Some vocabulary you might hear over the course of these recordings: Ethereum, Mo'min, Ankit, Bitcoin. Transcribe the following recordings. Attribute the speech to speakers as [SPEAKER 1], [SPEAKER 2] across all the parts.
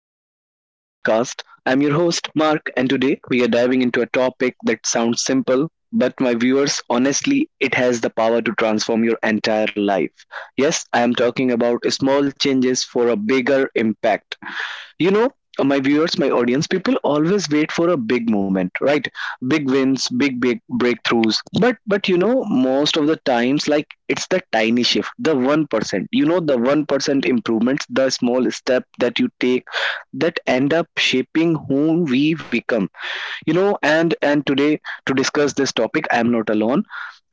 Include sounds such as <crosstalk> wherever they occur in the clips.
[SPEAKER 1] episode of our podcast. I'm your host, Mark, and today we are diving into a topic that sounds simple, but my viewers, honestly, it has the power to transform your entire life. Yes, I am talking about small changes for a bigger impact. you know my viewers, my audience, people always wait for a big moment, right? Big wins, big breakthroughs, but you know, most of the times, like, it's the tiny shift, the 1%, you know, the 1% improvements, the small step that you take that end up shaping who we become. You know, and today, to discuss this topic, I am not alone.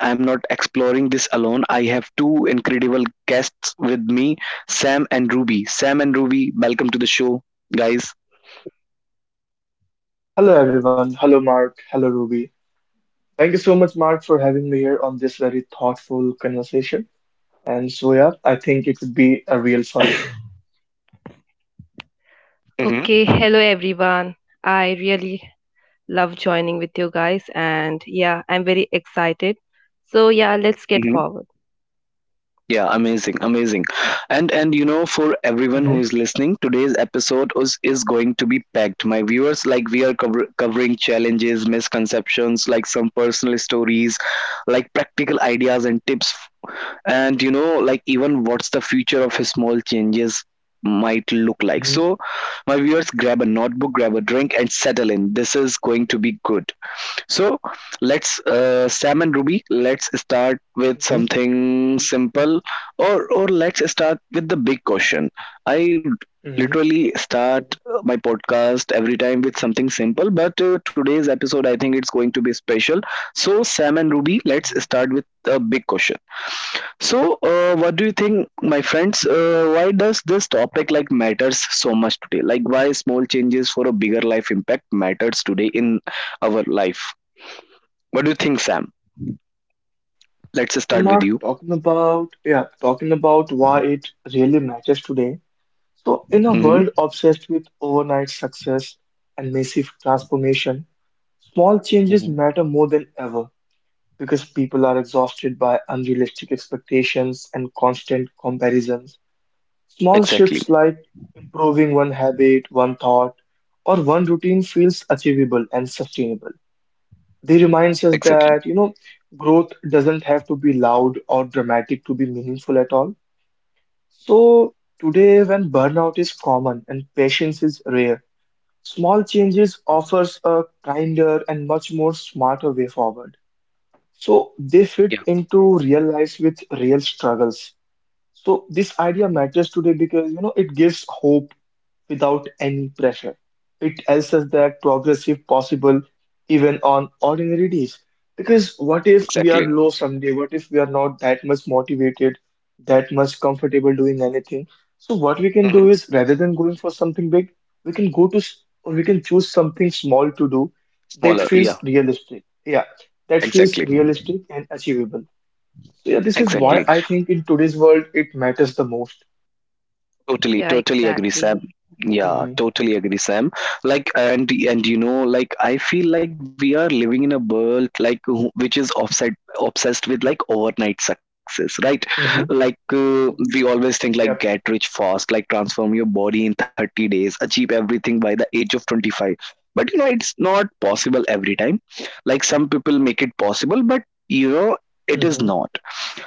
[SPEAKER 1] I am not exploring this alone. I have two incredible guests with me, Sam and Ruby. Sam and Ruby, welcome to the show, guys.
[SPEAKER 2] Hello, everyone. Hello, Mark. Hello, Ruby. Thank you so much, Mark, for having me here on this very thoughtful conversation. And so, yeah, I think it would be a real fun.
[SPEAKER 1] Mm-hmm.
[SPEAKER 3] Okay, hello everyone. I really love joining with you guys, and yeah, I'm very excited. So, yeah, let's get
[SPEAKER 1] Hmm.
[SPEAKER 3] forward.
[SPEAKER 1] Yeah, amazing, amazing. And you know, for everyone who
[SPEAKER 2] Hmm.
[SPEAKER 1] is listening, today's episode is going to be packed. My viewers, like, we are covering challenges, misconceptions, like some personal stories, like practical ideas and tips, and you know, like, even what's the future of his small changes might look like. So
[SPEAKER 2] Hmm.
[SPEAKER 1] my viewers, grab a notebook, grab a drink, and settle in. This is going to be good. So Sam and Ruby, let's start with
[SPEAKER 2] Hmm.
[SPEAKER 1] something simple, or let's start with the big question. I
[SPEAKER 2] Hmm.
[SPEAKER 1] literally start my podcast every time with something simple, but today's episode, I think it's going to be special. So Sam and Ruby, let's
[SPEAKER 2] Hmm.
[SPEAKER 1] start with a big question. So, what do you think, my friends? Why does this topic like matters so much today? Like, why small changes for a bigger life impact matters today in our life? What do you think, Sam? Let's
[SPEAKER 2] So,
[SPEAKER 1] start with
[SPEAKER 2] Mark,
[SPEAKER 1] you.
[SPEAKER 2] talking about why it really matters today. So, in a
[SPEAKER 1] Hmm.
[SPEAKER 2] world obsessed with overnight success and massive transformation, small changes
[SPEAKER 1] Mm-hmm.
[SPEAKER 2] matter more than ever because people are exhausted by unrealistic expectations and constant comparisons. Small
[SPEAKER 1] Exactly.
[SPEAKER 2] shifts like improving one habit, one thought, or one routine feels achievable and sustainable. They remind us
[SPEAKER 1] Exactly.
[SPEAKER 2] that growth doesn't have to be loud or dramatic to be meaningful at all. So today, when burnout is common and patience is rare, small changes offers a kinder and much more smarter way forward. So they fit
[SPEAKER 1] Yeah.
[SPEAKER 2] into real lives with real struggles. So this idea
[SPEAKER 1] Mhm.
[SPEAKER 2] matters today because it gives hope without any pressure. It tells us that progress is possible even on ordinary days. Because what if we are
[SPEAKER 1] Exactly.
[SPEAKER 2] low someday? What if we are not that much motivated, that much comfortable doing anything? So what we can do
[SPEAKER 1] Hmm.
[SPEAKER 2] is, rather than going for something big, we can we can choose something small to do that
[SPEAKER 1] Smaller. Yeah.
[SPEAKER 2] feels realistic. Yeah, that feels
[SPEAKER 1] Exactly.
[SPEAKER 2] realistic and achievable. So yeah, this is why
[SPEAKER 3] Yes,
[SPEAKER 1] Exactly.
[SPEAKER 2] I think in today's world it matters the most.
[SPEAKER 1] Totally,
[SPEAKER 3] yeah,
[SPEAKER 1] totally agree, Sam.
[SPEAKER 3] exactly.
[SPEAKER 1] Yeah,
[SPEAKER 2] Mm-hmm.
[SPEAKER 1] totally agree, Sam. Like, and you know, like, I feel like we are living in a world like which is offset, obsessed with like overnight success, right?
[SPEAKER 2] Mm-hmm.
[SPEAKER 1] Like, we always think like
[SPEAKER 2] Yep.
[SPEAKER 1] get rich fast, like transform your body in 30 days, achieve everything by the age of 25. But you know, it's not possible every time. Like, some people make it possible, but you know, it is
[SPEAKER 2] Mm-hmm.
[SPEAKER 1] not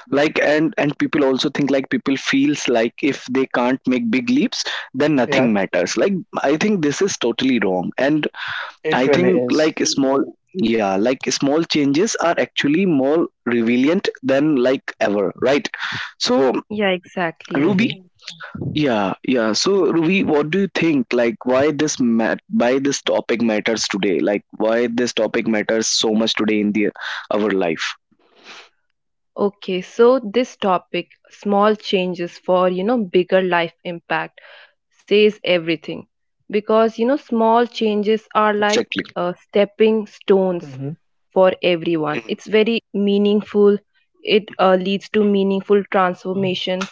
[SPEAKER 1] like. And people also think like, people feels like if they can't make big leaps, then nothing matters. Like, I think this is totally wrong, and
[SPEAKER 2] It
[SPEAKER 1] I
[SPEAKER 2] really
[SPEAKER 1] think
[SPEAKER 2] is.
[SPEAKER 1] like small, yeah, like small changes are actually more resilient than like ever, right? So
[SPEAKER 3] Yeah, exactly.
[SPEAKER 1] Ruby.
[SPEAKER 2] Mm-hmm.
[SPEAKER 1] Yeah. Yeah. So Ruby, what do you think? Like, why this mat why this topic matters today? Like, why this topic matters so much today in the our life?
[SPEAKER 3] Okay, so this topic, small changes for you know, bigger life impact, says everything because you know, small changes are like
[SPEAKER 1] Exactly.
[SPEAKER 3] stepping stones
[SPEAKER 2] Mm-hmm.
[SPEAKER 3] for everyone. It's very meaningful. It leads to meaningful transformation.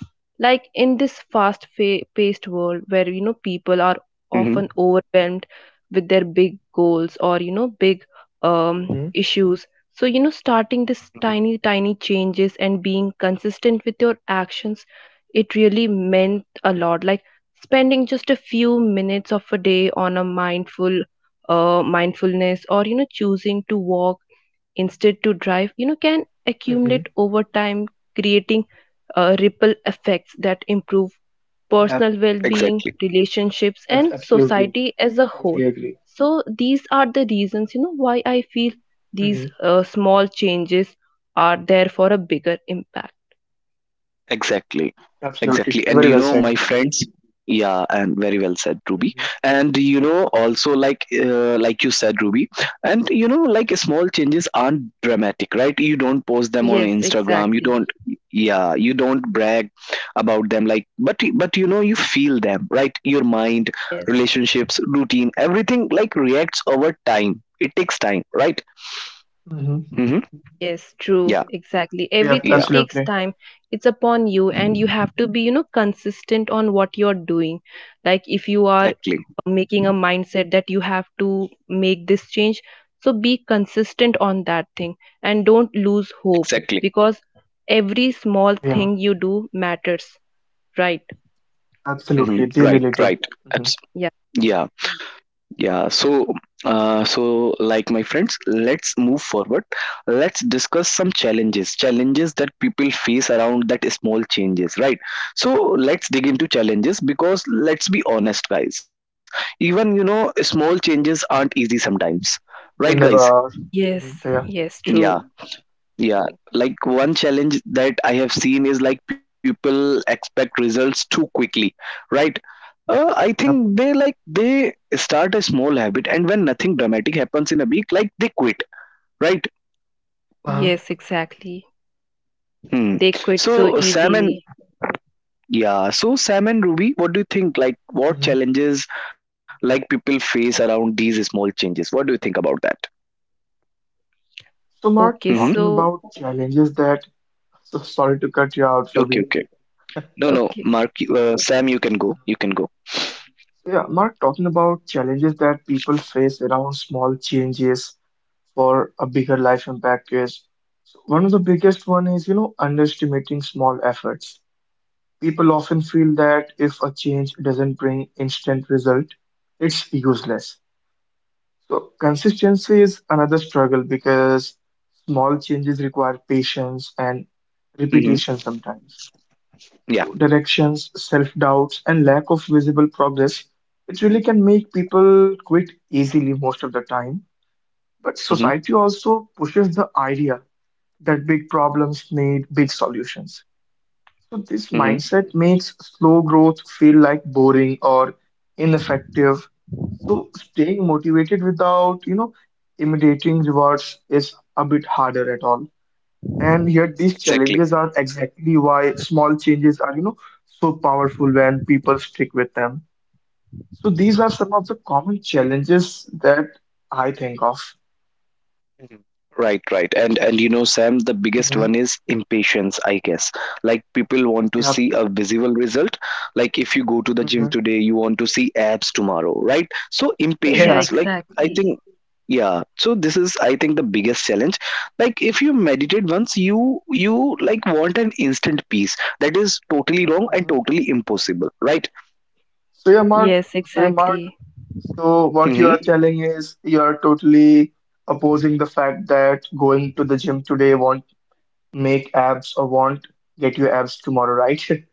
[SPEAKER 3] Like in this paced world where you know people are
[SPEAKER 1] Hmm.
[SPEAKER 3] often overwhelmed with their big goals or you know big
[SPEAKER 2] Mm-hmm.
[SPEAKER 3] issues. So you know starting this tiny changes and being consistent with your actions, it really meant a lot. Like spending just a few minutes of a day on a mindfulness or you know choosing to walk instead to drive, you know, can accumulate
[SPEAKER 2] Mm-hmm.
[SPEAKER 3] over time, creating ripple effects that improve
[SPEAKER 2] Yeah,
[SPEAKER 3] personal well-being,
[SPEAKER 1] Exactly.
[SPEAKER 3] relationships,
[SPEAKER 2] ab-
[SPEAKER 3] and
[SPEAKER 2] absolutely.
[SPEAKER 3] society as a whole.
[SPEAKER 2] Totally agree.
[SPEAKER 3] So these are the reasons, you know, why I feel
[SPEAKER 2] Mm-hmm.
[SPEAKER 3] these small changes are there for a bigger impact.
[SPEAKER 1] Exactly.
[SPEAKER 2] Absolutely.
[SPEAKER 1] Exactly. And
[SPEAKER 2] Very
[SPEAKER 1] you
[SPEAKER 2] well
[SPEAKER 1] know,
[SPEAKER 2] said.
[SPEAKER 1] my friends, yeah, and very well said, Ruby.
[SPEAKER 2] Mm-hmm.
[SPEAKER 1] And you know, also like, like you said, Ruby, and you know, like, small changes aren't dramatic, right? You don't post them on
[SPEAKER 3] Yes,
[SPEAKER 1] Instagram. You
[SPEAKER 3] exactly.
[SPEAKER 1] don't, yeah, you don't brag about them. Like, but you know, you feel them, right? Your mind,
[SPEAKER 3] Yes.
[SPEAKER 1] relationships, routine, everything like reacts over time. It takes time, right?
[SPEAKER 2] Mm-hmm.
[SPEAKER 1] Mm-hmm.
[SPEAKER 3] Yes, true,
[SPEAKER 1] Yeah.
[SPEAKER 3] exactly.
[SPEAKER 2] Yeah,
[SPEAKER 3] Everything
[SPEAKER 1] Yeah.
[SPEAKER 3] takes
[SPEAKER 2] absolutely.
[SPEAKER 3] time. It's upon you, and you have to be, you know, consistent on what you're doing. Like, if you are
[SPEAKER 1] Exactly.
[SPEAKER 3] making a mindset that you have to make this change, so be consistent on that thing and don't lose hope,
[SPEAKER 1] Exactly.
[SPEAKER 3] because every small
[SPEAKER 2] Yeah,
[SPEAKER 3] thing you do matters, right?
[SPEAKER 2] absolutely.
[SPEAKER 1] Mm-hmm.
[SPEAKER 2] They
[SPEAKER 1] Right.
[SPEAKER 2] really do.
[SPEAKER 1] Right.
[SPEAKER 2] Mm-hmm.
[SPEAKER 3] Yeah.
[SPEAKER 1] Yeah, yeah. So, like, my friends, let's move forward. Let's discuss some challenges, challenges that people face around that small changes, right? So let's dig into challenges, because let's be honest, guys. Even you know, small changes aren't easy sometimes, right,
[SPEAKER 2] They
[SPEAKER 1] guys?
[SPEAKER 2] never are. Mm-hmm.
[SPEAKER 3] Yes,
[SPEAKER 2] Yeah.
[SPEAKER 3] yes,
[SPEAKER 1] Yeah
[SPEAKER 3] true.
[SPEAKER 1] yeah, like, one challenge that I have seen is like, people expect results too quickly, right? I
[SPEAKER 2] Yep.
[SPEAKER 1] think they like, they start a small habit, and when nothing dramatic happens in a week, like they quit, right?
[SPEAKER 2] Uh-huh.
[SPEAKER 3] Yes, exactly.
[SPEAKER 1] Hmm.
[SPEAKER 3] They quit so
[SPEAKER 1] So Sam and,
[SPEAKER 3] easily.
[SPEAKER 1] yeah, so Sam and Ruby, what do you think? Like, what
[SPEAKER 2] Mm-hmm.
[SPEAKER 1] challenges like people face around these small changes? What do you think about that?
[SPEAKER 2] So, Mark,
[SPEAKER 3] Okay,
[SPEAKER 1] Mm-hmm.
[SPEAKER 2] talking
[SPEAKER 3] so,
[SPEAKER 2] about challenges that. <laughs> So sorry to cut you out,
[SPEAKER 1] Okay,
[SPEAKER 2] Ruby.
[SPEAKER 1] okay. No, no,
[SPEAKER 3] okay.
[SPEAKER 1] Mark, Sam, you can go. You can go.
[SPEAKER 2] So, yeah, Mark, talking about challenges that people face around small changes for a bigger life impact is. So one of the biggest one is underestimating small efforts. People often feel that if a change doesn't bring instant result, it's useless. So consistency is another struggle because small changes require patience and
[SPEAKER 1] Mm-hmm.
[SPEAKER 2] repetition sometimes. So
[SPEAKER 1] Yeah.
[SPEAKER 2] directions, self-doubts, and lack of visible progress, it really can make people quit easily most of the time. But
[SPEAKER 1] Mm-hmm.
[SPEAKER 2] society also pushes the idea that big problems need big solutions. So, this
[SPEAKER 1] Mm-hmm.
[SPEAKER 2] mindset makes slow growth feel like boring or ineffective. So, staying motivated without imitating rewards is a bit harder at all. And yet, these
[SPEAKER 1] Exactly.
[SPEAKER 2] challenges are, exactly why small changes are so powerful when people stick with them. So, these are some of the common challenges that I think of.
[SPEAKER 1] Mhm. Right, right. And you know, Sam, the biggest
[SPEAKER 2] Mm-hmm.
[SPEAKER 1] one is impatience, I guess. Like, people want to
[SPEAKER 2] Yeah.
[SPEAKER 1] see a visible result. Like, if you go to the gym
[SPEAKER 2] Mm-hmm.
[SPEAKER 1] today, you want to see abs tomorrow, right? So
[SPEAKER 3] Yeah,
[SPEAKER 2] Yeah.
[SPEAKER 1] impatience, like, I
[SPEAKER 3] exactly.
[SPEAKER 1] think, yeah. So this is, I think, the biggest challenge. Like, if you meditate once, you like want an instant peace. That is totally wrong and
[SPEAKER 2] Hmm.
[SPEAKER 1] totally impossible, right?
[SPEAKER 2] So, yeah, Mark.
[SPEAKER 3] Yes,
[SPEAKER 2] So, yeah, Mark.
[SPEAKER 3] exactly.
[SPEAKER 2] So what you are
[SPEAKER 1] Hmm.
[SPEAKER 2] telling is you are totally opposing the fact that going to the gym today won't make abs or won't get you abs tomorrow, right? <laughs>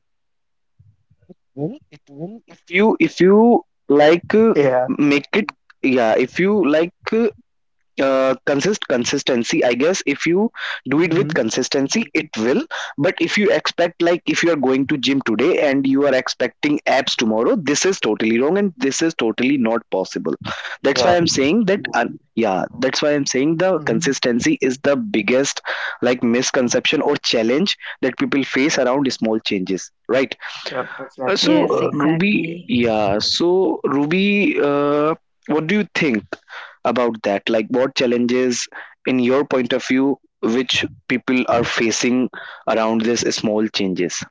[SPEAKER 1] Will it will, if you like,
[SPEAKER 2] Yeah.
[SPEAKER 1] make it yeah, if you like, consistency, I guess, if you do it with
[SPEAKER 2] Mm-hmm.
[SPEAKER 1] consistency, it will. But if you expect, like, if you are going to gym today and you are expecting abs tomorrow, this is totally wrong and this is totally not possible. That's why
[SPEAKER 2] Yeah.
[SPEAKER 1] I'm saying that, yeah, that's why I'm saying the
[SPEAKER 2] Mm-hmm.
[SPEAKER 1] consistency is the biggest, like, misconception or challenge that people face around small changes, right?
[SPEAKER 2] Yep,
[SPEAKER 1] uh, so
[SPEAKER 2] exactly.
[SPEAKER 3] Yes,
[SPEAKER 1] uh,
[SPEAKER 2] Mm-hmm.
[SPEAKER 1] Ruby,
[SPEAKER 3] exactly.
[SPEAKER 1] yeah. So Ruby, what do you think about that? Like, what challenges, in your point of view, which people are facing around these small changes?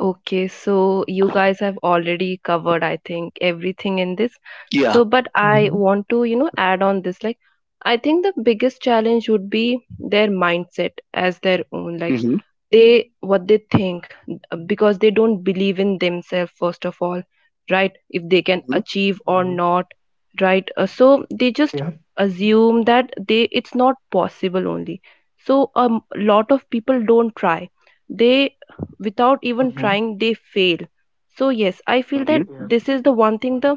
[SPEAKER 3] Okay, so you guys have already covered, I think, everything in this.
[SPEAKER 1] Yeah.
[SPEAKER 3] So, but I
[SPEAKER 2] Mm-hmm.
[SPEAKER 3] want to, you know, add on this. Like, I think the biggest challenge would be their mindset as their own. Like,
[SPEAKER 1] Mm-hmm.
[SPEAKER 3] they, what they think, because they don't believe in themselves, first of all, right? If they can
[SPEAKER 1] Mm-hmm.
[SPEAKER 3] achieve or
[SPEAKER 2] Mm-hmm.
[SPEAKER 3] not, right? So they just
[SPEAKER 2] Yeah.
[SPEAKER 3] assume that they, it's not possible only. So, a lot of people don't try. They, without even
[SPEAKER 2] Mm-hmm.
[SPEAKER 3] trying, they fail. So yes, I feel that
[SPEAKER 1] Mm-hmm.
[SPEAKER 2] Yeah.
[SPEAKER 3] this is the one thing,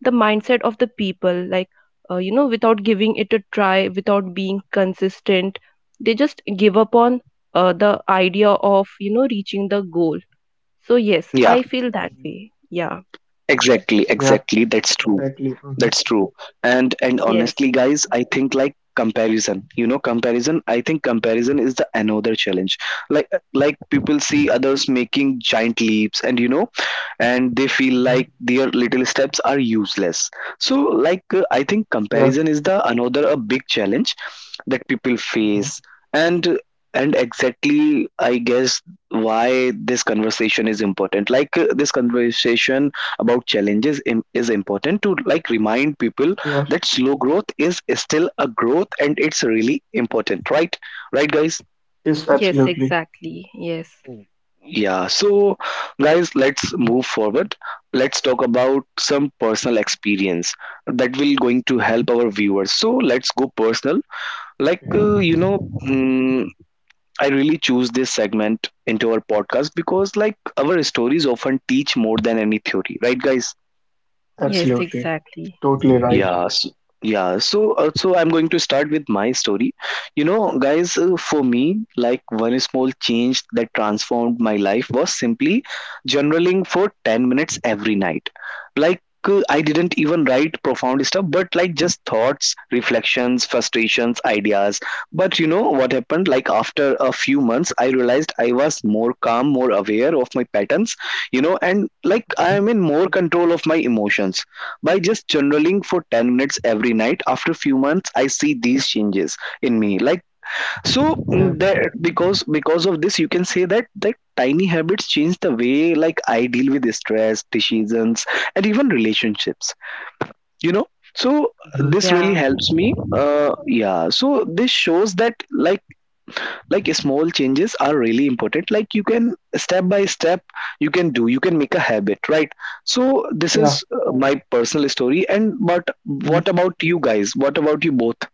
[SPEAKER 3] the mindset of the people. Like you know, without giving it a try, without being consistent, they just give up on the idea of, you know, reaching the goal. So yes,
[SPEAKER 1] Yeah.
[SPEAKER 3] I feel that
[SPEAKER 2] Mm-hmm.
[SPEAKER 3] way. Yeah.
[SPEAKER 1] Exactly.
[SPEAKER 2] Yeah,
[SPEAKER 1] Exactly. That's true.
[SPEAKER 2] exactly. Mm-hmm.
[SPEAKER 1] That's true. And
[SPEAKER 3] Yes,
[SPEAKER 1] honestly, guys, I think like comparison. You know, comparison. I think comparison is the another challenge. Like like people see others making giant leaps, and you know, and they feel
[SPEAKER 2] Mm-hmm.
[SPEAKER 1] like their little steps are useless. So like, I think
[SPEAKER 2] Yeah.
[SPEAKER 1] comparison is the another a big challenge that people
[SPEAKER 2] Mm-hmm.
[SPEAKER 1] face. and and exactly, I guess, why this conversation is important, like, this conversation about challenges is important to like remind people
[SPEAKER 2] Yeah.
[SPEAKER 1] that slow growth is still a growth, and it's really important, right? Right, guys?
[SPEAKER 2] Yes,
[SPEAKER 3] yes,
[SPEAKER 2] absolutely.
[SPEAKER 3] exactly. Yes,
[SPEAKER 1] Yeah, so guys, let's
[SPEAKER 2] Mm-hmm.
[SPEAKER 1] move forward. Let's talk about some personal experience that will going to
[SPEAKER 2] Mm-hmm.
[SPEAKER 1] help our viewers. So let's go personal. Like,
[SPEAKER 2] Okay.
[SPEAKER 1] you know, I really choose this segment into our podcast because like, our stories often teach more than any theory, right, guys?
[SPEAKER 3] yes,
[SPEAKER 2] Absolutely.
[SPEAKER 3] exactly.
[SPEAKER 2] Totally right.
[SPEAKER 1] Yeah, so, yeah. So, I'm going to start with my story. You know, guys, for me, like, one small change that transformed my life was simply journaling for 10 minutes every night. Like, I didn't even write profound stuff, but like just thoughts, reflections, frustrations, ideas. But you know what happened? Like, after a few months, I realized I was more calm, more aware of my patterns, you know, and like, I
[SPEAKER 2] Mm-hmm.
[SPEAKER 1] am in more control of my emotions by just journaling for 10 minutes every night. After a few months, I see these changes in me. Like, so,
[SPEAKER 2] Yeah.
[SPEAKER 1] mm, that because of this, you can say that that tiny habits change the way like, I deal with stress, decisions, and even relationships. You know, so
[SPEAKER 2] Mm-hmm.
[SPEAKER 1] this really
[SPEAKER 3] Yeah,
[SPEAKER 1] helps me. Yeah. So this shows that like, small changes are really important. Like, you can step by step, you can make a habit, right? So this
[SPEAKER 2] Yeah.
[SPEAKER 1] is my personal story. And but
[SPEAKER 2] Mm-hmm.
[SPEAKER 1] what about you guys? What about you both?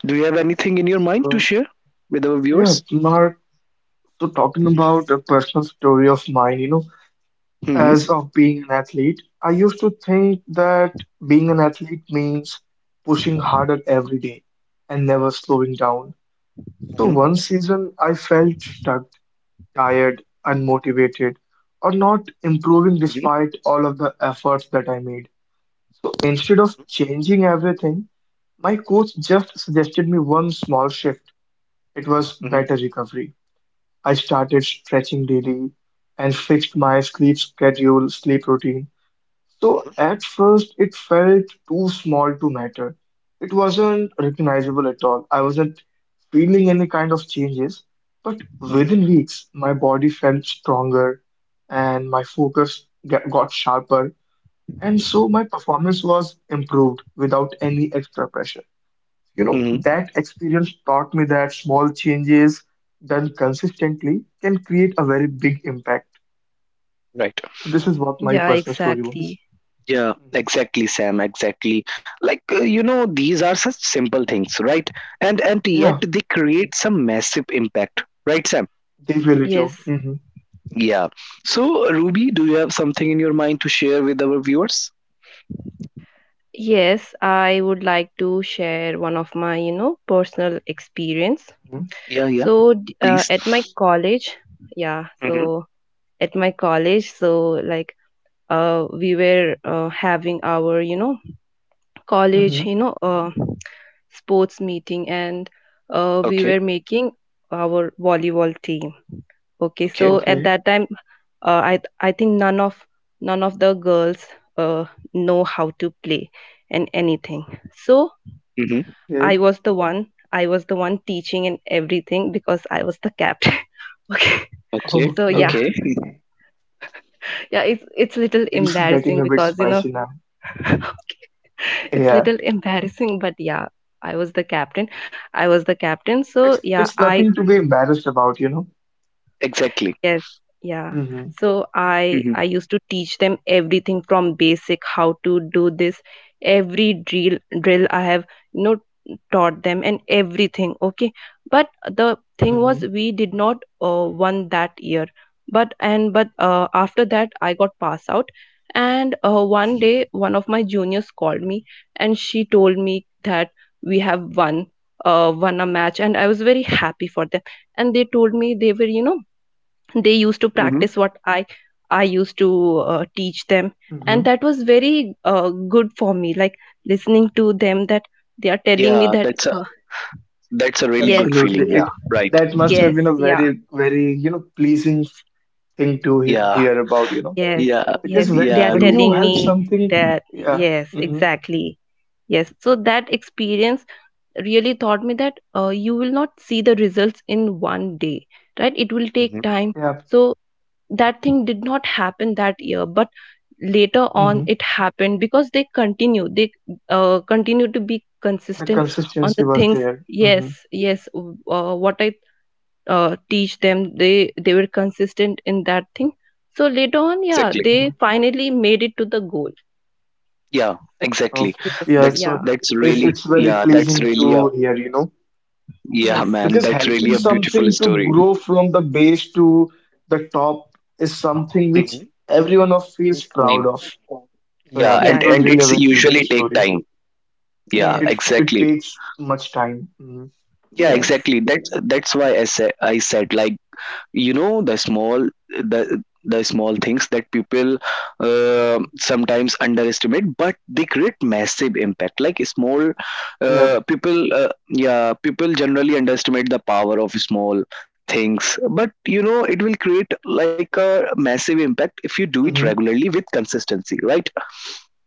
[SPEAKER 1] Do you have anything in your mind to
[SPEAKER 2] So,
[SPEAKER 1] share with our
[SPEAKER 2] yeah,
[SPEAKER 1] viewers?
[SPEAKER 2] Mark. So talking about a personal story of mine,
[SPEAKER 1] Mm-hmm.
[SPEAKER 2] as of being an athlete, I used to think that being an athlete means pushing harder every day and never slowing down. So
[SPEAKER 1] Mm-hmm.
[SPEAKER 2] one season I felt stuck, tired, unmotivated, or not
[SPEAKER 1] Mm-hmm.
[SPEAKER 2] improving despite all of the efforts that I made. So instead of changing everything, my coach just suggested me one small shift. It was better recovery. I started stretching daily and fixed
[SPEAKER 1] Mm-hmm.
[SPEAKER 2] my sleep schedule, sleep routine. So
[SPEAKER 1] Mm-hmm.
[SPEAKER 2] at first, it felt too small to matter. It wasn't recognizable at all. I wasn't feeling any kind of changes. But
[SPEAKER 1] Mm-hmm.
[SPEAKER 2] within weeks, my body felt stronger and my focus got sharper. And so my performance was improved without any extra pressure. You know,
[SPEAKER 1] Mm-hmm.
[SPEAKER 2] that experience taught me that small changes done consistently can create a very big impact.
[SPEAKER 1] Right.
[SPEAKER 2] So this is what my
[SPEAKER 3] yeah,
[SPEAKER 2] personal story was.
[SPEAKER 3] exactly.
[SPEAKER 1] Yeah,
[SPEAKER 2] Hmm.
[SPEAKER 1] exactly, Sam, exactly. Like, you know, these are such simple things, right? And yet
[SPEAKER 2] Yeah,
[SPEAKER 1] they create some massive impact, right, Sam?
[SPEAKER 2] they really
[SPEAKER 3] Yes.
[SPEAKER 2] do. Mm-hmm.
[SPEAKER 1] Yeah. So, Ruby, do you have something in your mind to share with our viewers?
[SPEAKER 3] Yes, I would like to share one of my, you know, personal experience.
[SPEAKER 1] Yeah, yeah,
[SPEAKER 3] So,
[SPEAKER 1] please.
[SPEAKER 3] at my college, yeah,
[SPEAKER 1] Mm-hmm.
[SPEAKER 3] so at my college, so like we were having our, you know,
[SPEAKER 2] Mm-hmm.
[SPEAKER 3] college,
[SPEAKER 2] Hmm.
[SPEAKER 3] you know, sports meeting, and we
[SPEAKER 1] Okay,
[SPEAKER 3] were making our volleyball team. Okay,
[SPEAKER 1] okay.
[SPEAKER 3] so at
[SPEAKER 2] Okay.
[SPEAKER 3] that time, I think none of the girls uh, know how to play and anything. So
[SPEAKER 1] Mm-hmm.
[SPEAKER 3] I
[SPEAKER 2] Okay.
[SPEAKER 3] was the one, I was the one teaching and everything because I was the captain. <laughs> Okay.
[SPEAKER 1] Okay,
[SPEAKER 3] So yeah,
[SPEAKER 2] Okay.
[SPEAKER 1] okay.
[SPEAKER 3] yeah, it's little
[SPEAKER 2] Things getting
[SPEAKER 3] embarrassing
[SPEAKER 2] a bit
[SPEAKER 3] because you know.
[SPEAKER 2] spicy now.
[SPEAKER 3] <laughs> Okay, it's
[SPEAKER 2] Yeah.
[SPEAKER 3] little embarrassing, but yeah, I was the captain. I was the captain.
[SPEAKER 2] It's
[SPEAKER 3] So yeah,
[SPEAKER 2] it's
[SPEAKER 3] I—
[SPEAKER 2] nothing to be embarrassed about.
[SPEAKER 1] Exactly.
[SPEAKER 3] Yes, yeah.
[SPEAKER 2] Mm-hmm.
[SPEAKER 3] So I
[SPEAKER 1] Mm-hmm.
[SPEAKER 3] I used to teach them everything from basic how to do this. Every drill I have, you know, taught them and everything, okay? But the thing
[SPEAKER 2] Mm-hmm.
[SPEAKER 3] was we did not won that year, but after that I got passed out. And one day one of my juniors called me and she told me that we have won won a match, and I was very happy for them. And they told me they were, you know, they used to
[SPEAKER 1] Mm-hmm.
[SPEAKER 3] practice what I used to teach them. And
[SPEAKER 2] Mm-hmm.
[SPEAKER 3] that was very good for me, like listening to them, that they are telling me
[SPEAKER 1] Yeah,
[SPEAKER 3] that—
[SPEAKER 1] that's a, that's a really
[SPEAKER 3] yes,
[SPEAKER 1] good
[SPEAKER 2] Absolutely.
[SPEAKER 1] feeling. Yeah,
[SPEAKER 2] It
[SPEAKER 1] right.
[SPEAKER 2] that must have
[SPEAKER 3] yes,
[SPEAKER 2] been a
[SPEAKER 3] yeah,
[SPEAKER 2] very, very, pleasing thing to he
[SPEAKER 1] Yeah,
[SPEAKER 2] hear about.
[SPEAKER 3] yes,
[SPEAKER 1] yeah,
[SPEAKER 3] yes,
[SPEAKER 2] Because
[SPEAKER 3] they
[SPEAKER 2] when
[SPEAKER 1] yeah.
[SPEAKER 3] are
[SPEAKER 2] when you
[SPEAKER 3] telling
[SPEAKER 2] help
[SPEAKER 3] me
[SPEAKER 2] something,
[SPEAKER 3] that,
[SPEAKER 2] yeah,
[SPEAKER 3] yes,
[SPEAKER 2] hmm,
[SPEAKER 3] exactly. Yes. So that experience really taught me that you will not see the results in one day, right? It will take
[SPEAKER 1] Mhm.
[SPEAKER 3] time.
[SPEAKER 2] yeah,
[SPEAKER 3] So that thing did not happen that year, but later on
[SPEAKER 2] hmm,
[SPEAKER 3] it happened because they continue to be
[SPEAKER 2] the
[SPEAKER 3] consistent on
[SPEAKER 2] consistency
[SPEAKER 3] the
[SPEAKER 2] was
[SPEAKER 3] things.
[SPEAKER 2] there. Hmm.
[SPEAKER 3] Yes.
[SPEAKER 2] Hmm.
[SPEAKER 3] Yes, what I teach them, they were consistent in that thing. So later on, yeah,
[SPEAKER 1] Exactly.
[SPEAKER 3] they finally made it to the goal.
[SPEAKER 1] Yeah, exactly.
[SPEAKER 2] Okay,
[SPEAKER 3] Yes,
[SPEAKER 2] yeah,
[SPEAKER 1] That's
[SPEAKER 2] so
[SPEAKER 3] yeah,
[SPEAKER 1] that's
[SPEAKER 2] it's
[SPEAKER 1] really,
[SPEAKER 2] it's very
[SPEAKER 1] yeah. That's
[SPEAKER 2] pleasing
[SPEAKER 1] really a,
[SPEAKER 2] to hear, you know,
[SPEAKER 1] yeah,
[SPEAKER 3] yes,
[SPEAKER 1] man. That's
[SPEAKER 2] because
[SPEAKER 1] really a
[SPEAKER 2] helping
[SPEAKER 1] beautiful
[SPEAKER 2] something to
[SPEAKER 1] story.
[SPEAKER 2] grow from the base to the top is something which
[SPEAKER 1] Mm-hmm.
[SPEAKER 2] everyone of feels proud of. So yeah,
[SPEAKER 1] Yeah,
[SPEAKER 2] that
[SPEAKER 3] yeah,
[SPEAKER 2] was
[SPEAKER 1] and
[SPEAKER 2] really a
[SPEAKER 1] it's
[SPEAKER 2] very beautiful
[SPEAKER 1] usually take
[SPEAKER 2] story.
[SPEAKER 1] time. Yeah,
[SPEAKER 3] yes,
[SPEAKER 2] It
[SPEAKER 1] exactly.
[SPEAKER 2] takes much time. Hmm.
[SPEAKER 1] Yeah,
[SPEAKER 3] yes,
[SPEAKER 1] exactly. That's why I said, I said like, you know, the small, the small things that people
[SPEAKER 2] Hmm.
[SPEAKER 1] sometimes underestimate, but they create massive impact. Like small,
[SPEAKER 2] Yep.
[SPEAKER 1] yeah, people generally underestimate the power of small things, but you know, it will create like a massive impact if you do it
[SPEAKER 2] Mm-hmm.
[SPEAKER 1] regularly with consistency, right?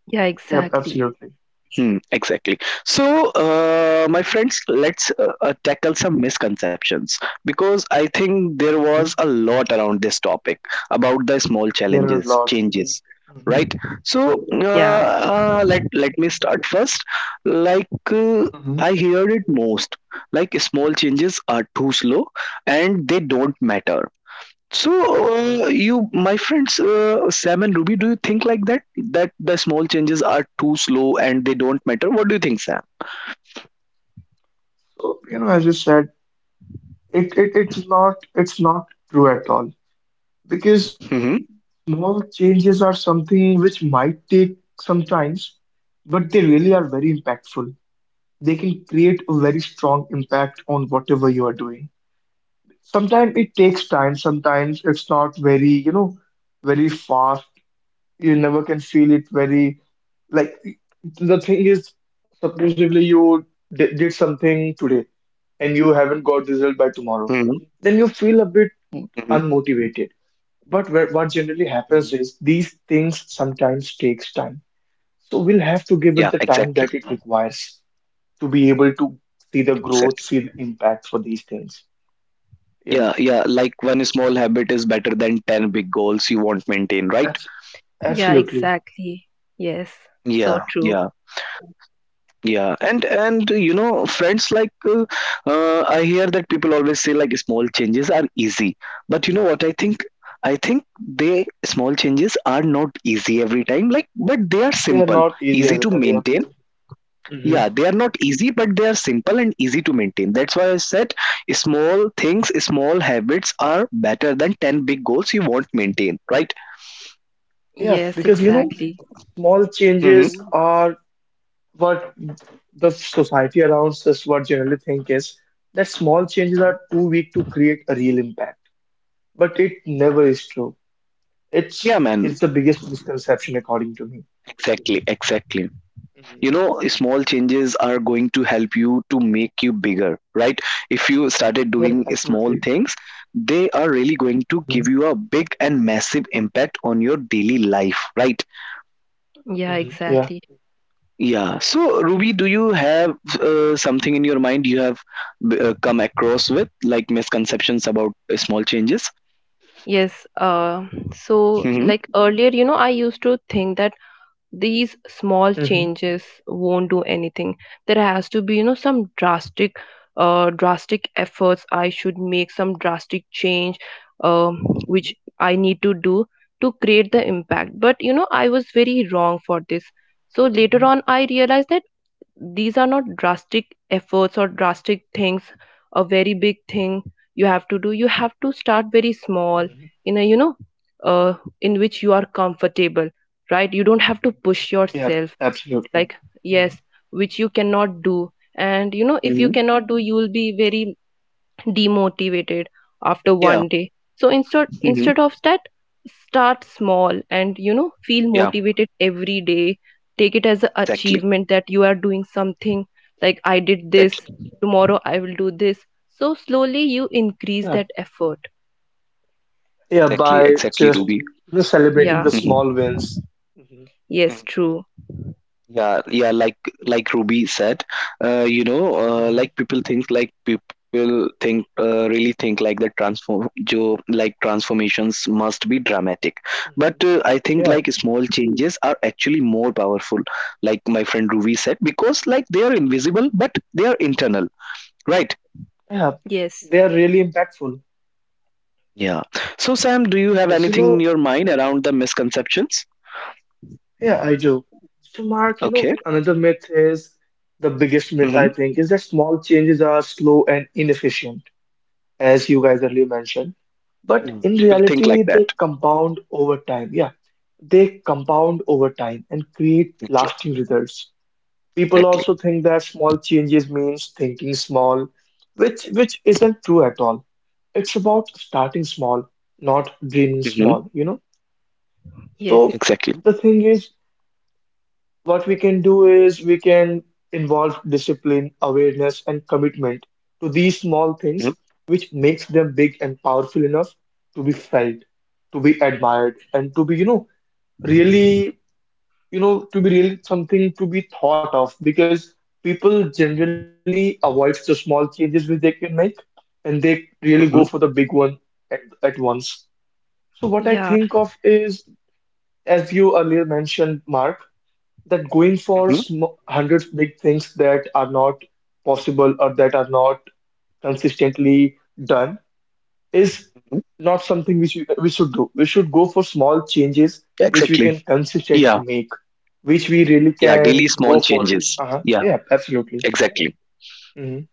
[SPEAKER 3] yeah,
[SPEAKER 2] Yep,
[SPEAKER 3] exactly.
[SPEAKER 2] absolutely.
[SPEAKER 1] Hmm, exactly. So, my friends, let's tackle some misconceptions, because I think there
[SPEAKER 2] Yeah.
[SPEAKER 1] was a lot around this topic about the small
[SPEAKER 2] There are a lot.
[SPEAKER 1] changes,
[SPEAKER 2] Mm-hmm.
[SPEAKER 1] right? So,
[SPEAKER 2] Yep.
[SPEAKER 3] Yeah,
[SPEAKER 1] let let me start first. Like, I heard it most, like, small changes are too slow and they don't matter. So, you, my friends, Sam and Ruby, do you think like that? That the small changes are too slow and they don't matter? What do you think, Sam?
[SPEAKER 2] So, as you said, it's not true at all because
[SPEAKER 1] Hmm.
[SPEAKER 2] small changes are something which might take some times, but they really are very impactful. They can create a very strong impact on whatever you are doing. Sometimes it takes time, sometimes it's not very, very fast. You never can feel it very, like, the thing is, supposedly you did something today, and you haven't got result
[SPEAKER 1] Hmm.
[SPEAKER 2] by tomorrow, then you feel a bit
[SPEAKER 1] Hmm.
[SPEAKER 2] unmotivated. But what generally
[SPEAKER 1] Mhm.
[SPEAKER 2] happens is, these things sometimes takes time, so we'll have to
[SPEAKER 1] Yeah,
[SPEAKER 2] give it the
[SPEAKER 1] exactly.
[SPEAKER 2] time that it requires to be able to see the
[SPEAKER 1] Exactly.
[SPEAKER 2] growth, see the impact for these things. Yeah,
[SPEAKER 1] Yeah, yeah. Like, one small habit is better than 10 big goals you won't maintain, right?
[SPEAKER 2] abs-
[SPEAKER 3] yeah,
[SPEAKER 2] absolutely.
[SPEAKER 3] exactly. Yes, so
[SPEAKER 2] Mhm.
[SPEAKER 1] Yeah,
[SPEAKER 3] true.
[SPEAKER 1] yeah. Yeah, and you know, friends, like, I hear that people always say like, small changes are easy, but you know what I think? I think they small changes are not easy every time. Like, but they are
[SPEAKER 2] They are
[SPEAKER 1] simple,
[SPEAKER 2] not easy
[SPEAKER 1] easy
[SPEAKER 2] as a
[SPEAKER 1] to
[SPEAKER 2] time, yeah.
[SPEAKER 1] maintain.
[SPEAKER 2] Hmm.
[SPEAKER 1] Yeah, they are not easy, but they are simple and easy to maintain. That's why I said small things, small habits are better than ten big goals you won't maintain, right?
[SPEAKER 2] yeah
[SPEAKER 3] Yes,
[SPEAKER 2] because you know
[SPEAKER 3] exactly.
[SPEAKER 2] small changes
[SPEAKER 1] hmm
[SPEAKER 2] are what the society around us what generally think is, that small changes are
[SPEAKER 1] Mhm.
[SPEAKER 2] too weak to create a real impact. But it never is true. It's
[SPEAKER 1] Yeah, man.
[SPEAKER 2] it's the biggest misconception according to me.
[SPEAKER 1] Exactly, exactly.
[SPEAKER 2] Mm-hmm.
[SPEAKER 1] you know Small changes are going to help you to make you bigger, right? If you started
[SPEAKER 2] Yep,
[SPEAKER 1] doing small
[SPEAKER 2] absolutely.
[SPEAKER 1] things, they are really going to give
[SPEAKER 2] Hmm.
[SPEAKER 1] you a big and massive impact on your daily life, right?
[SPEAKER 3] Yeah,
[SPEAKER 2] Hmm. Yeah.
[SPEAKER 3] exactly.
[SPEAKER 1] Yeah, so Ruby, do you have something in your mind, you have come across with, like, misconceptions about small changes?
[SPEAKER 3] Yes, so
[SPEAKER 1] hmm
[SPEAKER 3] like earlier, you know, I used to think that these small
[SPEAKER 2] Hmm.
[SPEAKER 3] changes won't do anything. There has to be, you know, some drastic, drastic efforts I should make, some drastic change, which
[SPEAKER 1] Mhm.
[SPEAKER 3] I need to do to create the impact. But, you know, I was very wrong for this. So later
[SPEAKER 2] Hmm.
[SPEAKER 3] on, I realized that these are not drastic efforts or drastic things, a very big thing you have to do. You have to start very small,
[SPEAKER 2] Hmm.
[SPEAKER 3] in a, you know, uh, in which you are comfortable, right? You don't have to push
[SPEAKER 2] Yep,
[SPEAKER 3] yourself
[SPEAKER 2] absolutely.
[SPEAKER 3] like,
[SPEAKER 2] Hmm.
[SPEAKER 3] yes, which you cannot do. And you know, if you
[SPEAKER 1] hmm
[SPEAKER 3] cannot do, you will be very demotivated after
[SPEAKER 1] yeah.
[SPEAKER 3] one day. So instead
[SPEAKER 1] hmm
[SPEAKER 3] instead of that, start small, and you know, feel
[SPEAKER 1] yeah,
[SPEAKER 3] motivated every day. Take it as an
[SPEAKER 1] exactly.
[SPEAKER 3] achievement that you are doing something. Like I did this,
[SPEAKER 1] Exactly.
[SPEAKER 3] tomorrow I will do this. So slowly you increase
[SPEAKER 2] Yeah.
[SPEAKER 3] that effort.
[SPEAKER 2] Yeah,
[SPEAKER 1] Exactly.
[SPEAKER 2] by
[SPEAKER 1] Exactly, Ruby.
[SPEAKER 2] just celebrating
[SPEAKER 3] Yeah,
[SPEAKER 2] the
[SPEAKER 1] hmm
[SPEAKER 2] small wins. Hmm.
[SPEAKER 3] yes, true.
[SPEAKER 1] Yeah, yeah, like Ruby said, you know,
[SPEAKER 2] Hmm.
[SPEAKER 1] like people think, really think like that transform, jo, like transformations must be dramatic.
[SPEAKER 2] Hmm.
[SPEAKER 1] But I think
[SPEAKER 2] Yeah,
[SPEAKER 1] like small changes are actually more powerful, like my friend Ruby said, because like they are invisible, but they are internal, right?
[SPEAKER 2] yeah.
[SPEAKER 3] Yes.
[SPEAKER 2] They are really impactful.
[SPEAKER 1] Yeah. So Sam, do you have
[SPEAKER 2] Yes. You
[SPEAKER 1] anything in
[SPEAKER 2] know,
[SPEAKER 1] your mind around the misconceptions?
[SPEAKER 2] Yeah, I do. So, Mark, you know,
[SPEAKER 1] Okay.
[SPEAKER 2] another myth is the biggest myth I
[SPEAKER 1] hmm
[SPEAKER 2] think is that small changes are slow and inefficient, as you guys earlier mentioned. But
[SPEAKER 1] Yeah.
[SPEAKER 2] in
[SPEAKER 1] People think
[SPEAKER 2] reality,
[SPEAKER 1] like
[SPEAKER 2] they
[SPEAKER 1] that.
[SPEAKER 2] compound over time. Yeah, they compound over time and create
[SPEAKER 1] Okay.
[SPEAKER 2] lasting results. People
[SPEAKER 1] Exactly.
[SPEAKER 2] also think that small changes means thinking small, which isn't true at all. It's about starting small, not dreaming
[SPEAKER 1] hmm
[SPEAKER 2] small, you know?
[SPEAKER 3] Yes.
[SPEAKER 1] Exactly.
[SPEAKER 2] So the thing is, what we can do is we can involve discipline, awareness, and commitment to these small
[SPEAKER 1] hmm
[SPEAKER 2] things, which makes them big and powerful enough to be felt, to be admired, and to be really, to be really something to be thought of, because people generally avoid the small changes which they can make, and they really go for the big one at once. So what I
[SPEAKER 3] Yeah,
[SPEAKER 2] think of is, as you earlier mentioned, Mark, that going for sm hundreds big things that are not possible or that are not consistently done is
[SPEAKER 1] Mhm.
[SPEAKER 2] not something which we should do. We should go for small changes
[SPEAKER 1] Exactly.
[SPEAKER 2] which we can
[SPEAKER 1] Yeah.
[SPEAKER 2] consistently make, which we
[SPEAKER 1] Yeah.
[SPEAKER 2] really
[SPEAKER 1] Daily
[SPEAKER 2] can
[SPEAKER 1] small
[SPEAKER 2] go
[SPEAKER 1] changes.
[SPEAKER 2] for.
[SPEAKER 1] Yeah.
[SPEAKER 2] Uh-huh. Yeah, absolutely.
[SPEAKER 1] Exactly.
[SPEAKER 2] Hmm.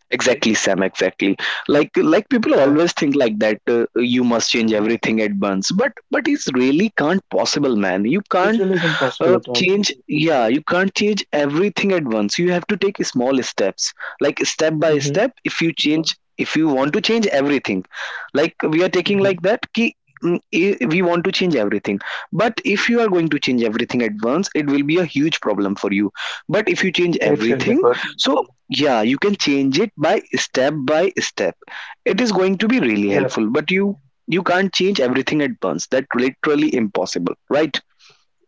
[SPEAKER 1] Exactly, Sam. Exactly. Like people
[SPEAKER 2] Yeah.
[SPEAKER 1] always think like that. You must change
[SPEAKER 2] Hmm.
[SPEAKER 1] everything at once, but it's really can't possible, man. You can't
[SPEAKER 2] It really isn't possible at all.
[SPEAKER 1] change yeah, you can't change everything at once, you have to take small steps, like step by
[SPEAKER 2] Hmm.
[SPEAKER 1] step. If you change, if you want to change everything, like we are taking
[SPEAKER 2] Hmm.
[SPEAKER 1] like that ki I- we want to change everything, but if you are going to change everything at once it will be a huge problem for you. But if you change
[SPEAKER 2] It really
[SPEAKER 1] everything,
[SPEAKER 2] good.
[SPEAKER 1] so yeah, you can change it by step by step, it is going to be really
[SPEAKER 2] Yeah.
[SPEAKER 1] helpful. But you can't change everything at once, that's literally impossible, right?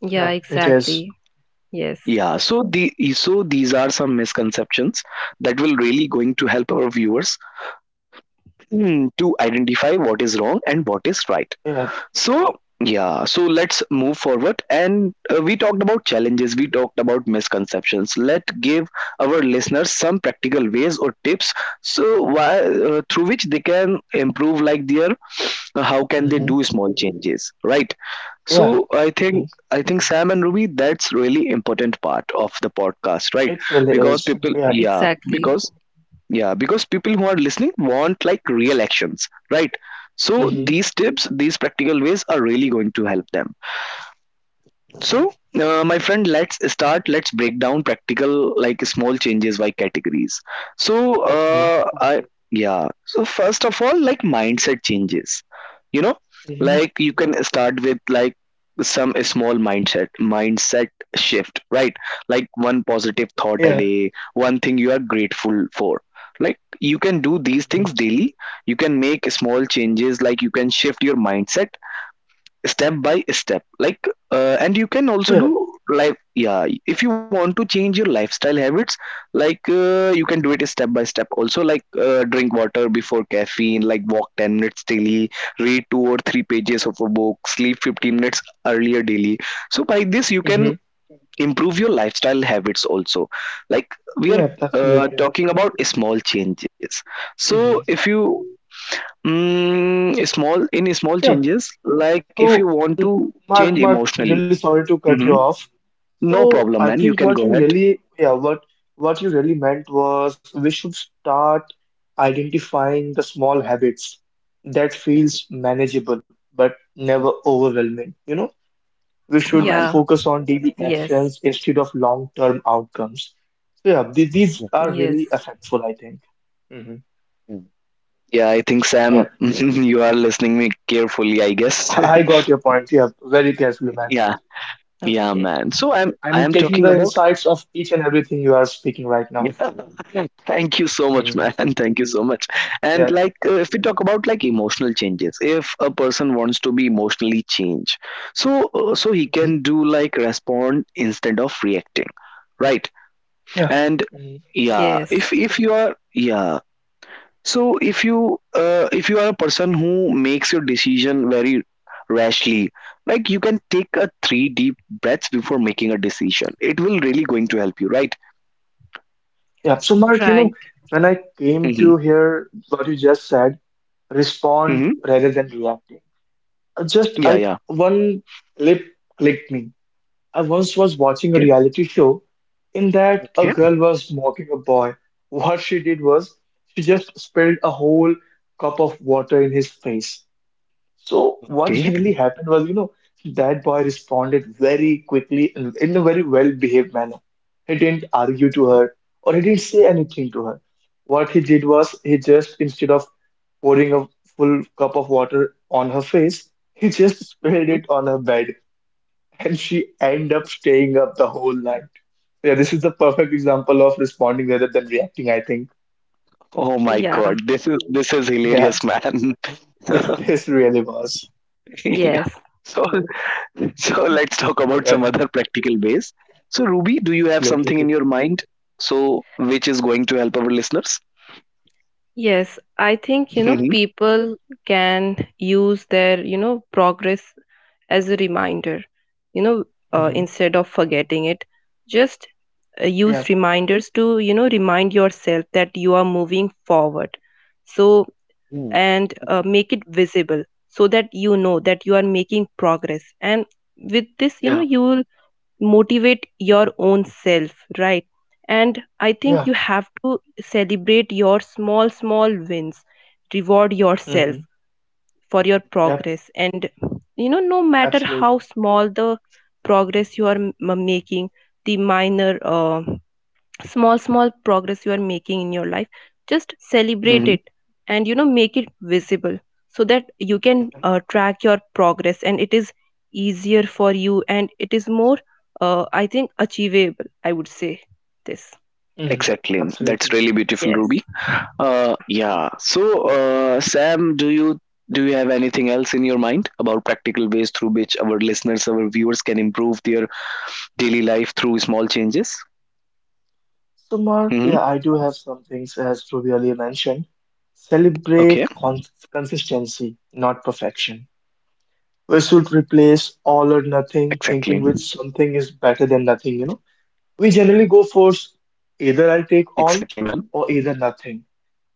[SPEAKER 3] yeah,
[SPEAKER 2] Yeah. It is.
[SPEAKER 3] exactly. Yes.
[SPEAKER 1] Yeah, so these are some misconceptions that will really going to help our viewers to identify what is wrong and what is right.
[SPEAKER 2] Yeah.
[SPEAKER 1] So, yeah, so let's move forward. And we talked about challenges, we talked about misconceptions. Let's give our listeners some practical ways or tips so why through which they can improve like their how can they
[SPEAKER 2] Hmm.
[SPEAKER 1] do small changes, right?
[SPEAKER 2] Yeah.
[SPEAKER 1] So I think,
[SPEAKER 2] Hmm.
[SPEAKER 1] I think Sam and Ruby, that's really important part of the podcast, right?
[SPEAKER 2] It really
[SPEAKER 1] Because
[SPEAKER 2] is.
[SPEAKER 1] people,
[SPEAKER 2] Yeah.
[SPEAKER 1] yeah,
[SPEAKER 3] Exactly,
[SPEAKER 1] because yeah, because people who are listening want like real actions, right? So
[SPEAKER 2] Hmm.
[SPEAKER 1] these tips, these practical ways are really going to help them. So,
[SPEAKER 2] Hmm.
[SPEAKER 1] my friend, let's start. Let's break down practical, like small changes, by categories. So,
[SPEAKER 2] Okay.
[SPEAKER 1] I yeah. So first of all, like mindset changes. You know, like
[SPEAKER 2] Hmm.
[SPEAKER 1] you can start with like some small mindset shift, right? Like one positive thought a
[SPEAKER 2] Yeah.
[SPEAKER 1] day, one thing you are grateful for. Like you can do these
[SPEAKER 2] Hmm.
[SPEAKER 1] things daily. You can make small changes. Like you can shift your mindset step by step, like and you can also do
[SPEAKER 2] Yeah.
[SPEAKER 1] life, yeah, if you want to change your lifestyle habits, like you can do it step by step also, like drink water before caffeine, like walk 10 minutes daily, read two or three pages of a book, sleep 15 minutes earlier daily. So by this you can
[SPEAKER 2] Hmm.
[SPEAKER 1] improve your lifestyle habits also. Like we are
[SPEAKER 2] Yeah. Absolutely.
[SPEAKER 1] talking about small changes. So
[SPEAKER 2] Hmm.
[SPEAKER 1] if you small, in small
[SPEAKER 2] Yeah.
[SPEAKER 1] changes, like if you
[SPEAKER 2] So,
[SPEAKER 1] want to change
[SPEAKER 2] Mark,
[SPEAKER 1] emotionally,
[SPEAKER 2] really sorry to cut
[SPEAKER 1] hmm
[SPEAKER 2] you off.
[SPEAKER 1] no
[SPEAKER 2] So, I
[SPEAKER 1] problem, man.
[SPEAKER 2] think
[SPEAKER 1] You
[SPEAKER 2] what
[SPEAKER 1] can
[SPEAKER 2] you
[SPEAKER 1] go ahead.
[SPEAKER 2] really, yeah, what what you really meant was, we should start identifying the small habits that feels manageable but never overwhelming. We should
[SPEAKER 1] Yeah, man.
[SPEAKER 3] yeah,
[SPEAKER 2] focus on daily
[SPEAKER 3] yes,
[SPEAKER 2] actions instead of long-term outcomes. So, yeah, these are
[SPEAKER 3] yes,
[SPEAKER 2] really effectful, I think. Hmm.
[SPEAKER 1] Yeah, I think Sam,
[SPEAKER 2] Yeah.
[SPEAKER 1] <laughs> you are listening me carefully, I guess.
[SPEAKER 2] I got your point. Yeah, very carefully,
[SPEAKER 1] <laughs>
[SPEAKER 2] man.
[SPEAKER 1] Yeah, yeah,
[SPEAKER 3] okay,
[SPEAKER 1] man. So I'm I
[SPEAKER 2] I'm
[SPEAKER 1] am
[SPEAKER 2] taking
[SPEAKER 1] talking
[SPEAKER 2] the
[SPEAKER 1] about.
[SPEAKER 2] insights of each and everything you are speaking right now.
[SPEAKER 1] Yeah, <laughs> thank you so much, man.
[SPEAKER 2] Hmm.
[SPEAKER 1] <laughs> Thank you so much. And
[SPEAKER 2] Yes.
[SPEAKER 1] like, if we talk about like emotional changes, if a person wants to be emotionally changed, so so he
[SPEAKER 2] Mhm.
[SPEAKER 1] can do like respond instead of reacting, right?
[SPEAKER 2] Yeah.
[SPEAKER 1] And
[SPEAKER 2] Mhm.
[SPEAKER 1] yeah,
[SPEAKER 3] yes,
[SPEAKER 1] if you are, yeah, so if you, if you are a person who makes your decision very rashly, like you can take a three deep breaths before making a decision, it will really going to help you, right?
[SPEAKER 2] Yeah. So, Mark, you
[SPEAKER 3] right,
[SPEAKER 2] know, when I came
[SPEAKER 1] hmm
[SPEAKER 2] to hear what you just said, respond
[SPEAKER 1] hmm
[SPEAKER 2] rather than reacting. Just
[SPEAKER 1] yeah,
[SPEAKER 2] I
[SPEAKER 1] yeah,
[SPEAKER 2] one clip clicked me. I once was watching a
[SPEAKER 1] okay,
[SPEAKER 2] reality show, in that a
[SPEAKER 1] okay,
[SPEAKER 2] girl was mocking a boy. What she did was, she just spilled a whole cup of water in his face. So what
[SPEAKER 1] okay.
[SPEAKER 2] generally happened was, that boy responded very quickly and in a very well-behaved manner. He didn't argue to her, or he didn't say anything to her. What he did was, he just, instead of pouring a full cup of water on her face, he just <laughs> spilled
[SPEAKER 1] Mhm.
[SPEAKER 2] it on her bed, and she ended up staying up the whole night. Yeah, this is the perfect example of responding rather than reacting, I think.
[SPEAKER 1] Oh my
[SPEAKER 3] yeah.
[SPEAKER 1] god, this is, this is hilarious,
[SPEAKER 2] Yeah,
[SPEAKER 1] man.
[SPEAKER 2] <laughs> this,
[SPEAKER 1] <laughs>
[SPEAKER 2] this really was.
[SPEAKER 1] Yeah.
[SPEAKER 3] Yes.
[SPEAKER 1] So <laughs> so let's talk about some
[SPEAKER 2] Yep,
[SPEAKER 1] other practical ways. So Ruby, do you have something in
[SPEAKER 2] absolutely.
[SPEAKER 1] your mind? So which is going to help our listeners?
[SPEAKER 3] Yes, I think, you know,
[SPEAKER 1] hmm
[SPEAKER 3] people can use their, you know, progress as a reminder, you know,
[SPEAKER 2] Hmm.
[SPEAKER 3] instead of forgetting it. Just use
[SPEAKER 2] Yeah.
[SPEAKER 3] reminders to, you know, remind yourself that you are moving forward. So, and make it visible so that you know that you are making progress. And with this, you know, you will motivate your own self, right? And I think
[SPEAKER 2] Yeah.
[SPEAKER 3] you have to celebrate your small wins, reward yourself
[SPEAKER 2] Mm-hmm.
[SPEAKER 3] for your
[SPEAKER 2] Yep,
[SPEAKER 3] progress. And you know, no matter how
[SPEAKER 2] absolutely.
[SPEAKER 3] small the progress you are making, the minor small small progress you are making in your life, just celebrate
[SPEAKER 2] Mm-hmm.
[SPEAKER 1] hmm
[SPEAKER 3] it. And you know, make it visible so that you can
[SPEAKER 2] Yep.
[SPEAKER 3] track your progress, and it is easier for you, and it is more I think achievable, I would say, this.
[SPEAKER 2] Mm-hmm.
[SPEAKER 1] Exactly. That's
[SPEAKER 2] Absolutely.
[SPEAKER 1] really beautiful,
[SPEAKER 3] Yes.
[SPEAKER 1] Ruby. Yeah. So Sam, do you, do you have anything else in your mind about practical ways through which our listeners, our viewers can improve their daily life through small changes?
[SPEAKER 2] So, Mark, yeah,
[SPEAKER 1] hmm
[SPEAKER 2] I do have some things, as Ruby earlier mentioned. Celebrate
[SPEAKER 1] Okay.
[SPEAKER 2] consistency, not perfection. We should replace
[SPEAKER 1] Exactly.
[SPEAKER 2] all or nothing thinking with something is better than nothing. We generally go for s-
[SPEAKER 1] Exactly,
[SPEAKER 2] either I'll
[SPEAKER 1] man.
[SPEAKER 2] take all or either nothing.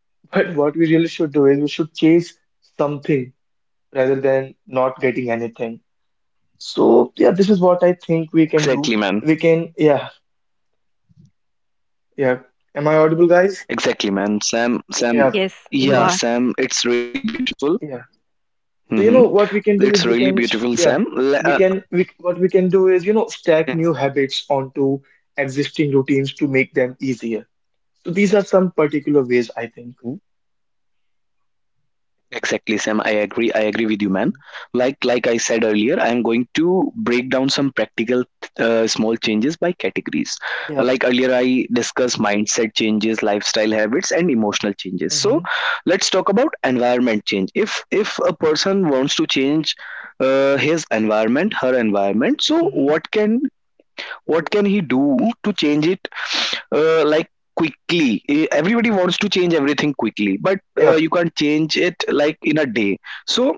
[SPEAKER 2] <laughs> But what we really should do is we should chase something rather than not getting anything. So yeah, this is what I think
[SPEAKER 1] Exactly,
[SPEAKER 2] we can
[SPEAKER 1] man.
[SPEAKER 2] do. We can yeah yeah. Am I audible, guys?
[SPEAKER 1] Exactly, man. Sam, Sam,
[SPEAKER 3] Yes,
[SPEAKER 2] Yeah.
[SPEAKER 3] you are.
[SPEAKER 2] hmm
[SPEAKER 1] yeah, Sam, it's really beautiful.
[SPEAKER 2] Yeah.
[SPEAKER 1] hmm
[SPEAKER 2] So what we can
[SPEAKER 1] It's
[SPEAKER 2] do
[SPEAKER 1] really
[SPEAKER 2] is we can
[SPEAKER 1] beautiful, Sam.
[SPEAKER 2] yeah
[SPEAKER 1] Le-
[SPEAKER 2] we can we what we can do is stack new habits onto existing routines to make them easier. So these are some particular ways I think.
[SPEAKER 1] exactly, Sam. I agree. I agree with you, man.
[SPEAKER 2] Mhm.
[SPEAKER 1] Like I said earlier, I am going to break down some practical small changes by categories.
[SPEAKER 2] Yeah.
[SPEAKER 1] Like earlier, I discussed mindset changes, lifestyle habits, and emotional changes. So,
[SPEAKER 2] hmm
[SPEAKER 1] let's talk about environment change. If a person wants to change his environment, her environment, so
[SPEAKER 2] hmm
[SPEAKER 1] what can, what can he do to change it like quickly. Eh, everybody wants to change everything quickly, but
[SPEAKER 2] Yeah.
[SPEAKER 1] you can't change it like in a day. So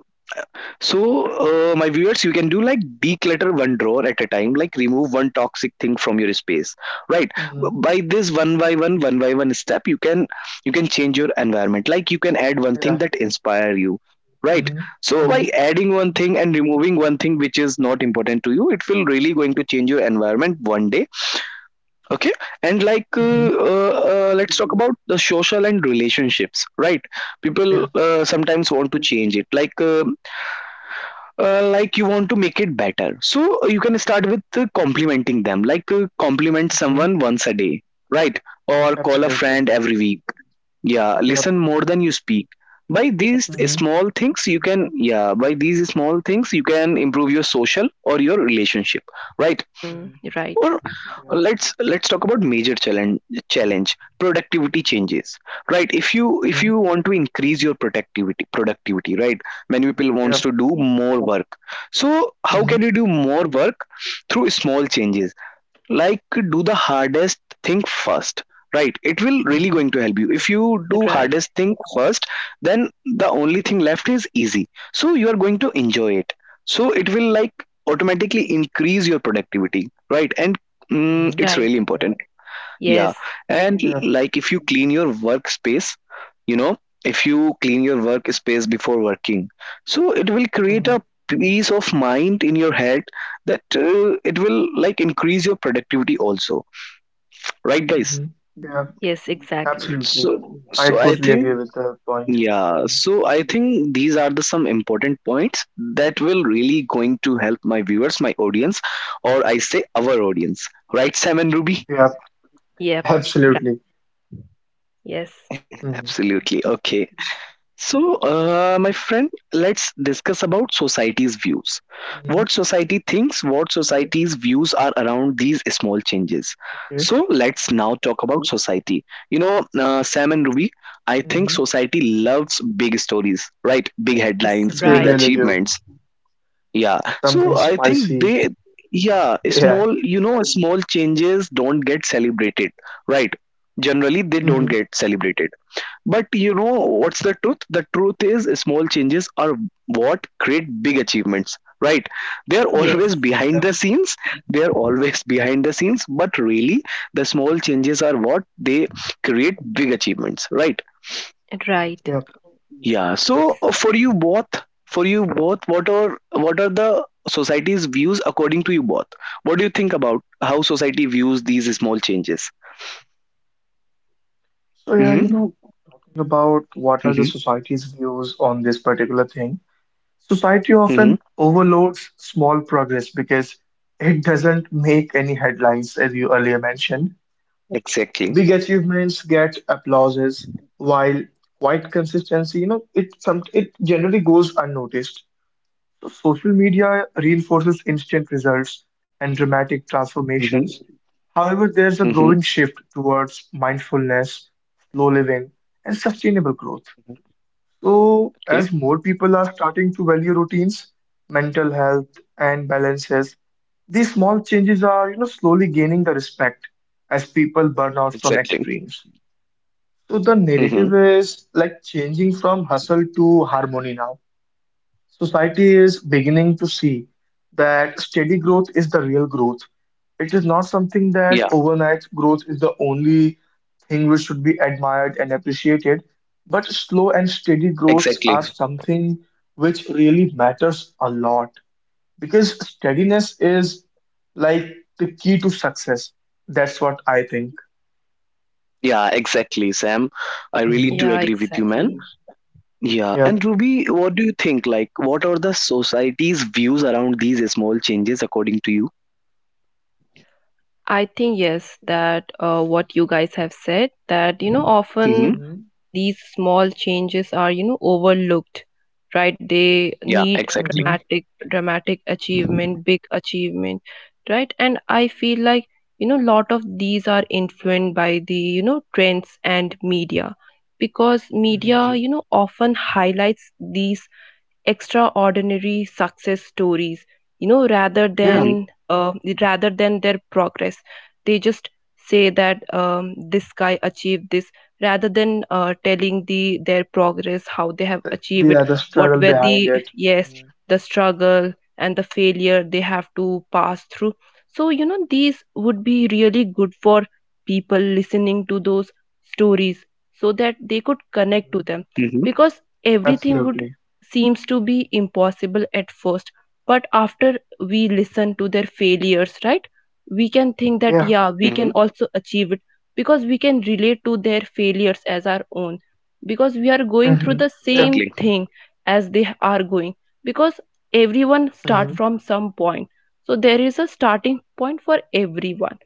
[SPEAKER 1] so, my viewers, you can do like declutter one drawer at a time, like remove one toxic thing from your space, right?
[SPEAKER 2] hmm
[SPEAKER 1] By this one by one step, you can, you can change your environment. Like you can add one thing
[SPEAKER 2] Yeah.
[SPEAKER 1] that inspire you, right?
[SPEAKER 2] hmm
[SPEAKER 1] So
[SPEAKER 2] hmm
[SPEAKER 1] by adding one thing and removing one thing which is not important to you, it will really going to change your environment one day. Okay, and like
[SPEAKER 2] hmm
[SPEAKER 1] let's talk about the social and relationships, right?
[SPEAKER 2] Yeah.
[SPEAKER 1] People sometimes want to change it, like. Like you want to make it better. So you can start with complimenting them, like compliment
[SPEAKER 2] hmm
[SPEAKER 1] someone once a day, right? Or call a
[SPEAKER 2] Absolutely.
[SPEAKER 1] friend every week. Yeah,
[SPEAKER 2] Yep.
[SPEAKER 1] listen more than you speak. By these
[SPEAKER 3] Yes.
[SPEAKER 2] hmm
[SPEAKER 1] small things, you can, yeah. By these small things, you can improve your social or your relationship, right?
[SPEAKER 3] Mm,
[SPEAKER 2] hmm
[SPEAKER 3] right,
[SPEAKER 1] Or
[SPEAKER 2] Yep.
[SPEAKER 1] let's talk about major challenge, productivity changes, right? If you, if
[SPEAKER 2] hmm
[SPEAKER 1] you want to increase your productivity, right? Many people wants to
[SPEAKER 2] Yep.
[SPEAKER 1] do more work. So how can
[SPEAKER 2] hmm
[SPEAKER 1] you do more work through small changes? Like, do the hardest thing first, right? It will really
[SPEAKER 2] hmm
[SPEAKER 1] going to help you if you do
[SPEAKER 3] right,
[SPEAKER 1] hardest thing first, then the only thing left is easy, so you are going to enjoy it, so it will like automatically increase your productivity, right? And
[SPEAKER 2] hmm
[SPEAKER 1] it's
[SPEAKER 3] right,
[SPEAKER 1] really important. Yeah,
[SPEAKER 3] yes,
[SPEAKER 1] and
[SPEAKER 2] Yeah.
[SPEAKER 1] like if you clean your workspace, you know, if you clean your workspace before working, so it will create
[SPEAKER 2] mm
[SPEAKER 1] a peace of mind in your head, that it will like increase your productivity also, right, guys?
[SPEAKER 2] hmm Yeah.
[SPEAKER 3] yes, exactly,
[SPEAKER 2] Absolutely.
[SPEAKER 1] So
[SPEAKER 2] I
[SPEAKER 1] so I
[SPEAKER 2] totally
[SPEAKER 1] think
[SPEAKER 2] agree with the point.
[SPEAKER 1] yeah,
[SPEAKER 2] Mm.
[SPEAKER 1] so I think these are the some important points that will really going to help my viewers, my audience, or I say our audience, right, Sam and Ruby?
[SPEAKER 2] Yeah.
[SPEAKER 3] yep, right,
[SPEAKER 2] Absolutely.
[SPEAKER 1] Absolutely.
[SPEAKER 3] yes,
[SPEAKER 1] Okay.
[SPEAKER 2] Hmm
[SPEAKER 1] So, my friend, let's discuss about society's views. What society thinks,
[SPEAKER 2] hmm
[SPEAKER 1] what society's views are around these small changes. So, let's
[SPEAKER 2] Okay.
[SPEAKER 1] now talk about society. You know, Sam and Ruby, I think society
[SPEAKER 2] hmm
[SPEAKER 1] loves big stories, right? Big headlines,
[SPEAKER 3] yes,
[SPEAKER 1] big
[SPEAKER 2] They
[SPEAKER 3] right,
[SPEAKER 2] really do.
[SPEAKER 1] achievements. Yeah. So,
[SPEAKER 2] Something
[SPEAKER 1] I think
[SPEAKER 2] spicy.
[SPEAKER 1] they, yeah,
[SPEAKER 2] <laughs> Yeah.
[SPEAKER 1] small, you know, small changes don't get celebrated, right? Generally, they don't
[SPEAKER 2] hmm
[SPEAKER 1] get celebrated, but you know what's the truth? The truth is small changes are what create big achievements, right? They are
[SPEAKER 2] hmm
[SPEAKER 1] always
[SPEAKER 3] yes,
[SPEAKER 2] Yeah.
[SPEAKER 1] behind the scenes. They are always <laughs> behind the scenes, but really the small changes are what they create big achievements, right?
[SPEAKER 2] Yeah.
[SPEAKER 3] right,
[SPEAKER 1] Yeah.
[SPEAKER 3] yes,
[SPEAKER 1] So for you both, what are, what are the society's views according to you both? What do you think about how society views these small changes?
[SPEAKER 2] So yeah,
[SPEAKER 1] Mm-hmm,
[SPEAKER 2] talking about what are the
[SPEAKER 1] mm-hmm,
[SPEAKER 2] society's views on this particular thing, society
[SPEAKER 1] mm-hmm.
[SPEAKER 2] often overloads small progress because it doesn't make any headlines, as you earlier mentioned.
[SPEAKER 1] Exactly.
[SPEAKER 2] Big achievements get applauses, while quiet consistency, you know, it some it generally goes unnoticed. So social media reinforces instant results and dramatic
[SPEAKER 1] Mm-hmm,
[SPEAKER 2] transformations. However, there's a
[SPEAKER 1] mm-hmm.
[SPEAKER 2] growing shift towards mindfulness, slow living, and sustainable growth. So,
[SPEAKER 1] Okay.
[SPEAKER 2] as more people are starting to value routines, mental health, and balances, these small changes are, slowly gaining the respect as people burn out from
[SPEAKER 1] Exactly.
[SPEAKER 2] extremes. So the
[SPEAKER 1] Mm-hmm.
[SPEAKER 2] narrative is like changing from hustle to harmony now. Society is beginning to see that steady growth is the real growth. It is not something
[SPEAKER 1] Yeah,
[SPEAKER 2] that
[SPEAKER 1] yeah.
[SPEAKER 2] overnight growth is the only thing which should be admired and appreciated, but slow and steady growths
[SPEAKER 1] Exactly.
[SPEAKER 2] are something which really matters a lot because steadiness is like the key to success. That's what I think.
[SPEAKER 1] Yeah, exactly, Sam. I really
[SPEAKER 2] Hmm
[SPEAKER 3] yeah,
[SPEAKER 1] do agree with you,
[SPEAKER 3] exactly.
[SPEAKER 1] man. Yeah. And
[SPEAKER 2] Yep.
[SPEAKER 1] Ruby, what do you think? Like, what are the society's views around these small changes according to you?
[SPEAKER 3] I think yes, that what you guys have said, that you know, often
[SPEAKER 1] Mm-hmm.
[SPEAKER 3] these small changes are, you know, overlooked, right? They
[SPEAKER 1] Yeah,
[SPEAKER 3] need
[SPEAKER 2] hmm
[SPEAKER 1] exactly.
[SPEAKER 3] dramatic achievement, big achievement, right? And I feel like, you know, lot of these are influenced by the, you know, trends and media, because
[SPEAKER 2] hmm
[SPEAKER 3] media, you know,
[SPEAKER 1] Mm-hmm.
[SPEAKER 3] often highlights these extraordinary success stories, you know,
[SPEAKER 2] Yeah,
[SPEAKER 1] Mm-hmm.
[SPEAKER 3] rather than their progress. They just say that this guy achieved this, rather than telling the their progress, how they have achieved it,
[SPEAKER 2] yeah, the
[SPEAKER 3] what
[SPEAKER 2] struggle
[SPEAKER 3] were
[SPEAKER 2] behind
[SPEAKER 3] the—
[SPEAKER 2] it.
[SPEAKER 3] yes,
[SPEAKER 2] Mm,
[SPEAKER 3] the struggle and the failure they have to pass through. So you know, these would be really good for people listening to those stories, so that they could connect to
[SPEAKER 2] mm,
[SPEAKER 3] them,
[SPEAKER 1] Mm-hmm.
[SPEAKER 3] because everything would
[SPEAKER 2] absolutely.
[SPEAKER 3] seems to be impossible at first. But after we listen to their failures, right, we can think that,
[SPEAKER 2] Yeah.
[SPEAKER 3] yeah, we
[SPEAKER 1] Mm-hmm.
[SPEAKER 3] can also achieve it, because we can relate to their failures as our own, because we are going through
[SPEAKER 2] hmm
[SPEAKER 3] the
[SPEAKER 2] Yeah.
[SPEAKER 1] Exactly.
[SPEAKER 3] same thing as they are going, because everyone start
[SPEAKER 2] hmm
[SPEAKER 3] from some point. So there is a starting point for everyone,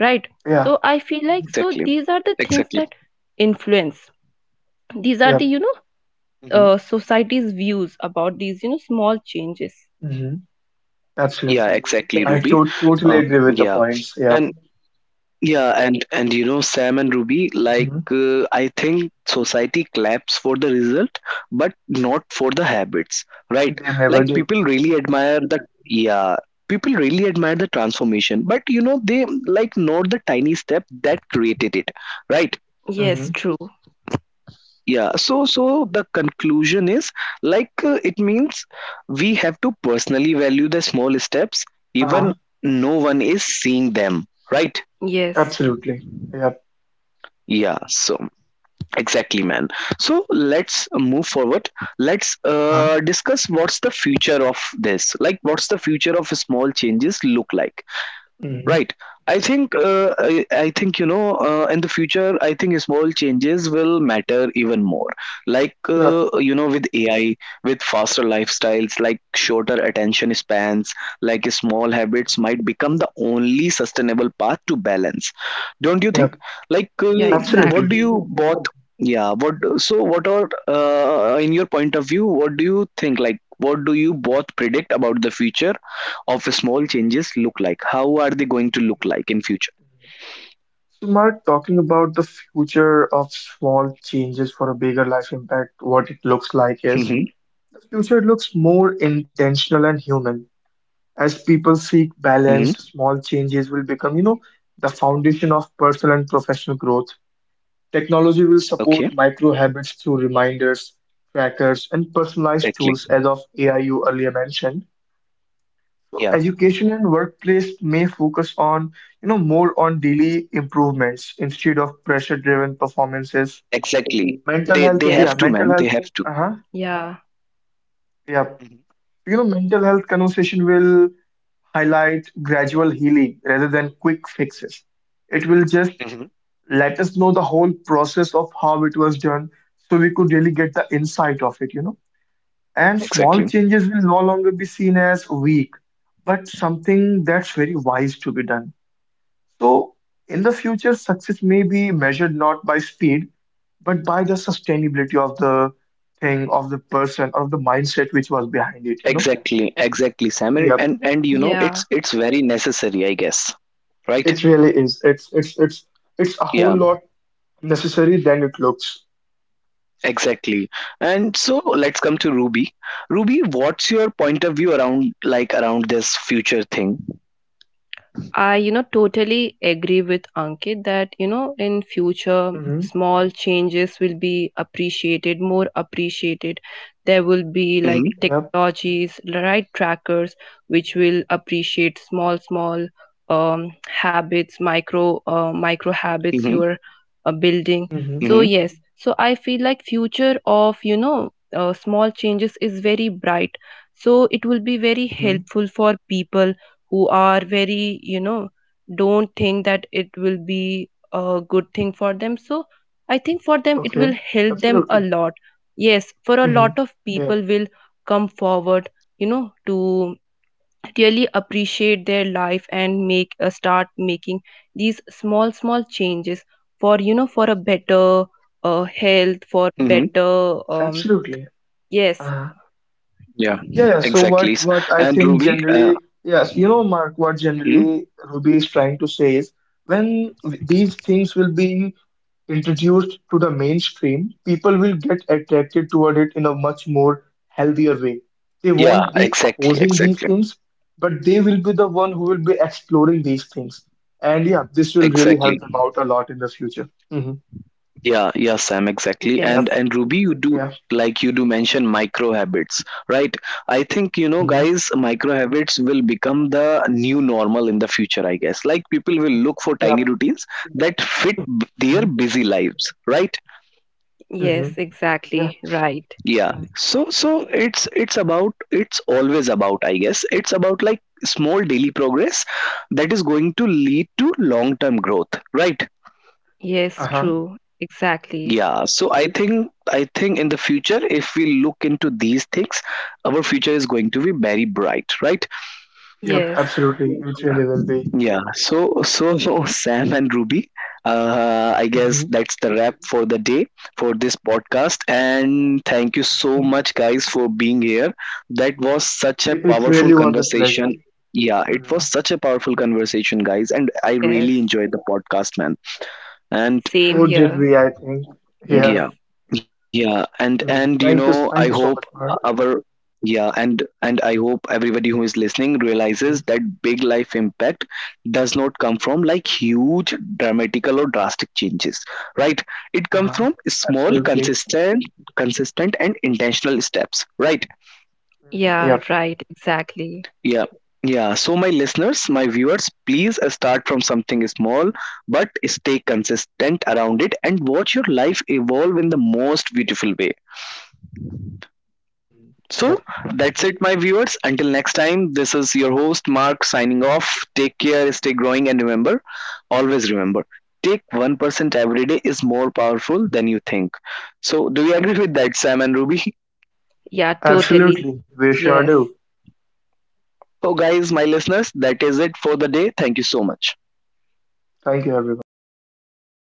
[SPEAKER 3] right?
[SPEAKER 2] Yeah.
[SPEAKER 3] So I feel like,
[SPEAKER 2] mhm,
[SPEAKER 1] Exactly.
[SPEAKER 3] so these are the
[SPEAKER 1] Exactly.
[SPEAKER 3] things that influence, these are
[SPEAKER 2] Yeah.
[SPEAKER 3] the, you know, society's views about these, you know, small changes.
[SPEAKER 2] hmm
[SPEAKER 1] Yeah, mm-hmm,
[SPEAKER 2] Absolutely.
[SPEAKER 1] exactly,
[SPEAKER 2] I
[SPEAKER 3] Yes,
[SPEAKER 1] Ruby.
[SPEAKER 2] to totally
[SPEAKER 1] Uh,
[SPEAKER 2] agree with the
[SPEAKER 1] yeah.
[SPEAKER 2] points. Yeah.
[SPEAKER 1] And yeah, and you know Sam and Ruby, like
[SPEAKER 2] hmm
[SPEAKER 1] I think society claps for the result, but not for the habits, right?
[SPEAKER 2] They never
[SPEAKER 1] Like
[SPEAKER 2] do.
[SPEAKER 1] people really admire the, yeah, people really admire the transformation, but you know they like not the tiny step that created it, right?
[SPEAKER 3] yes,
[SPEAKER 2] Hmm
[SPEAKER 3] true.
[SPEAKER 1] Yeah, so so the conclusion is like it means we have to personally value the small steps,
[SPEAKER 2] Uh-huh.
[SPEAKER 1] even no one is seeing them, right?
[SPEAKER 3] Yes.
[SPEAKER 2] Absolutely. Yeah.
[SPEAKER 1] Yeah, so. Exactly, man. So let's move forward. Let's
[SPEAKER 2] Uh-huh.
[SPEAKER 1] discuss what's the future of this. Like, what's the future of small changes look like?
[SPEAKER 2] hmm
[SPEAKER 1] Right. I think I think you know in the future I think small changes will matter even more. Like
[SPEAKER 2] Yeah.
[SPEAKER 1] you know with AI, with faster lifestyles, like shorter attention spans, like small habits might become the only sustainable path to balance. Don't you think?
[SPEAKER 2] Yeah.
[SPEAKER 1] Like
[SPEAKER 3] Yeah,
[SPEAKER 1] what do
[SPEAKER 2] Absolutely.
[SPEAKER 1] you
[SPEAKER 3] exactly.
[SPEAKER 1] both? Yeah. What so? What are in your point of view? What do you think? Like what do you both predict about the future of small changes look like? How are they going to look like in future?
[SPEAKER 2] So, Mark, talking about the future of small changes for a bigger life impact, what it looks like is
[SPEAKER 1] hmm
[SPEAKER 2] the future looks more intentional and human. As people
[SPEAKER 1] hmm
[SPEAKER 2] seek balance, small changes will become, the foundation of personal and professional growth. Technology will
[SPEAKER 1] Okay.
[SPEAKER 2] support micro habits through reminders, trackers, and personalized
[SPEAKER 1] Exactly.
[SPEAKER 2] tools, as of AI you earlier mentioned.
[SPEAKER 1] Yeah.
[SPEAKER 2] So education and workplace may focus on, more on daily improvements instead of pressure-driven performances.
[SPEAKER 1] Exactly.
[SPEAKER 2] Mental
[SPEAKER 1] They
[SPEAKER 2] health,
[SPEAKER 1] they
[SPEAKER 2] yeah,
[SPEAKER 3] Yes.
[SPEAKER 1] have to,
[SPEAKER 2] mental
[SPEAKER 1] man.
[SPEAKER 2] health,
[SPEAKER 1] They have to.
[SPEAKER 2] uh-huh,
[SPEAKER 3] Yeah,
[SPEAKER 2] yeah. Mental health conversation will highlight gradual healing rather than quick fixes. It will just let us know the whole process of how it was done so we could really get the insight of it. And small
[SPEAKER 1] Exactly.
[SPEAKER 2] changes will no longer be seen as weak, but something that's very wise to be done. So, in the future, success may be measured not by speed, but by the sustainability of the thing, of the person, or of the mindset which was behind it.
[SPEAKER 1] Exactly. Exactly, Sam.
[SPEAKER 2] Yep,
[SPEAKER 1] And you know,
[SPEAKER 3] yeah.
[SPEAKER 1] it's very necessary, I guess. Right?
[SPEAKER 2] it really is. It's it's a whole
[SPEAKER 1] Yeah.
[SPEAKER 2] lot necessary than it looks.
[SPEAKER 1] Exactly. And so let's come to Ruby. Ruby, what's your point of view around like around this future thing?
[SPEAKER 3] I, you know, totally agree with Ankit that, you know, in future,
[SPEAKER 2] Mm-hmm.
[SPEAKER 3] small changes will be appreciated, more appreciated. There will be like
[SPEAKER 1] Mm-hmm.
[SPEAKER 2] Yep.
[SPEAKER 3] technologies, right, trackers, which will appreciate small, small um, habits, micro
[SPEAKER 1] Mm-hmm.
[SPEAKER 3] habits you are building.
[SPEAKER 1] Mm-hmm.
[SPEAKER 2] Mm-hmm.
[SPEAKER 3] So yes, so I feel like future of, you know, small changes is very bright. So it will be very
[SPEAKER 2] Mm-hmm.
[SPEAKER 3] helpful for people who are very, you know, don't think that it will be a good thing for them. So I think for them it will
[SPEAKER 2] Okay.
[SPEAKER 3] help them a
[SPEAKER 2] Absolutely.
[SPEAKER 3] lot. Yes, for a
[SPEAKER 2] Mm-hmm.
[SPEAKER 3] lot of people
[SPEAKER 2] Yep.
[SPEAKER 3] will come forward, you know, to really appreciate their life and make start making these small small changes for, you know, for a better health, for
[SPEAKER 1] Mm-hmm.
[SPEAKER 3] better
[SPEAKER 2] Absolutely.
[SPEAKER 3] yes,
[SPEAKER 2] Huh.
[SPEAKER 1] Yeah,
[SPEAKER 2] Yeah, yeah. So
[SPEAKER 1] exactly. S-
[SPEAKER 2] what
[SPEAKER 1] And
[SPEAKER 2] I
[SPEAKER 1] Ruby,
[SPEAKER 2] think generally, yes, Mark, what
[SPEAKER 1] mhm.
[SPEAKER 2] generally Ruby is trying to say is these things will be introduced to the mainstream, people will get attracted toward it in a much more healthier way. They won't
[SPEAKER 1] Yeah,
[SPEAKER 2] be
[SPEAKER 1] exactly,
[SPEAKER 2] opposing these
[SPEAKER 1] exactly,
[SPEAKER 2] things, but they will be the one who will be exploring these things. And yeah, this will really
[SPEAKER 1] exactly.
[SPEAKER 2] help them out a lot in the future. Hmm
[SPEAKER 1] Yeah, yeah, Sam, exactly.
[SPEAKER 3] yes,
[SPEAKER 2] Yep.
[SPEAKER 1] And Ruby, you do
[SPEAKER 2] Yeah.
[SPEAKER 1] like you do mention micro habits, right? I think you know,
[SPEAKER 2] hmm
[SPEAKER 1] guys, micro habits will become the new normal in the future, I guess. Like people will look for tiny
[SPEAKER 2] Yep.
[SPEAKER 1] routines that fit b- their
[SPEAKER 2] hmm
[SPEAKER 1] busy lives, right?
[SPEAKER 2] hmm
[SPEAKER 3] yes,
[SPEAKER 2] Yeah.
[SPEAKER 3] exactly, right,
[SPEAKER 1] Yeah. So so it's about, it's always about, I guess. It's about like small daily progress that is going to lead to long-term growth, right?
[SPEAKER 3] yes,
[SPEAKER 2] Uh-huh.
[SPEAKER 3] true, exactly.
[SPEAKER 1] Yeah, so I think, I think in the future, if we look into these things, our future is going to be very bright, right?
[SPEAKER 2] Yep.
[SPEAKER 3] Yes,
[SPEAKER 2] Absolutely. It really will be.
[SPEAKER 1] Yeah. So so, so, <laughs> Sam and Ruby, I guess
[SPEAKER 2] Hmm
[SPEAKER 1] that's the wrap for the day for this podcast. And thank you so
[SPEAKER 2] Uh-huh.
[SPEAKER 1] much, guys, for being here. That was such a
[SPEAKER 2] It
[SPEAKER 1] powerful
[SPEAKER 2] really was a pleasure.
[SPEAKER 1] conversation. Yeah, it was
[SPEAKER 2] Mhm.
[SPEAKER 1] such a powerful conversation, guys, and I
[SPEAKER 3] yes.
[SPEAKER 1] really enjoyed the podcast, man. And
[SPEAKER 3] Same
[SPEAKER 2] So did
[SPEAKER 3] here.
[SPEAKER 2] we, I think.
[SPEAKER 3] Yes.
[SPEAKER 2] Yeah.
[SPEAKER 1] yeah yeah, and you
[SPEAKER 2] Mhm.
[SPEAKER 1] know,
[SPEAKER 2] Thank you.
[SPEAKER 1] I
[SPEAKER 2] Thank you
[SPEAKER 1] hope
[SPEAKER 2] so much, Mark.
[SPEAKER 1] our, yeah, and I hope everybody who is listening realizes
[SPEAKER 2] Mhm.
[SPEAKER 1] that big life impact does not come from like huge dramatical or drastic changes, right? It comes
[SPEAKER 2] Uh-huh.
[SPEAKER 1] from small
[SPEAKER 2] Absolutely.
[SPEAKER 1] consistent and intentional steps, right?
[SPEAKER 2] Mm,
[SPEAKER 3] Yeah,
[SPEAKER 2] Yep.
[SPEAKER 3] right, exactly.
[SPEAKER 1] Yeah, yeah, so my listeners, my viewers, please start from something small, but stay consistent around it and watch your life evolve in the most beautiful way.
[SPEAKER 2] Mm,
[SPEAKER 1] So
[SPEAKER 2] Yep.
[SPEAKER 1] that's it, my viewers. Until next time, this is your host Mark signing off. Take care, stay growing, and remember, always remember, take 1% every day is more powerful than you think. So, do you agree with that, Sam and Ruby? <laughs>
[SPEAKER 3] Yeah, totally.
[SPEAKER 2] Absolutely. We sure do.
[SPEAKER 3] Yes.
[SPEAKER 1] So, guys, my listeners, that is it for the day. Thank you so much.
[SPEAKER 2] Thank you, everyone.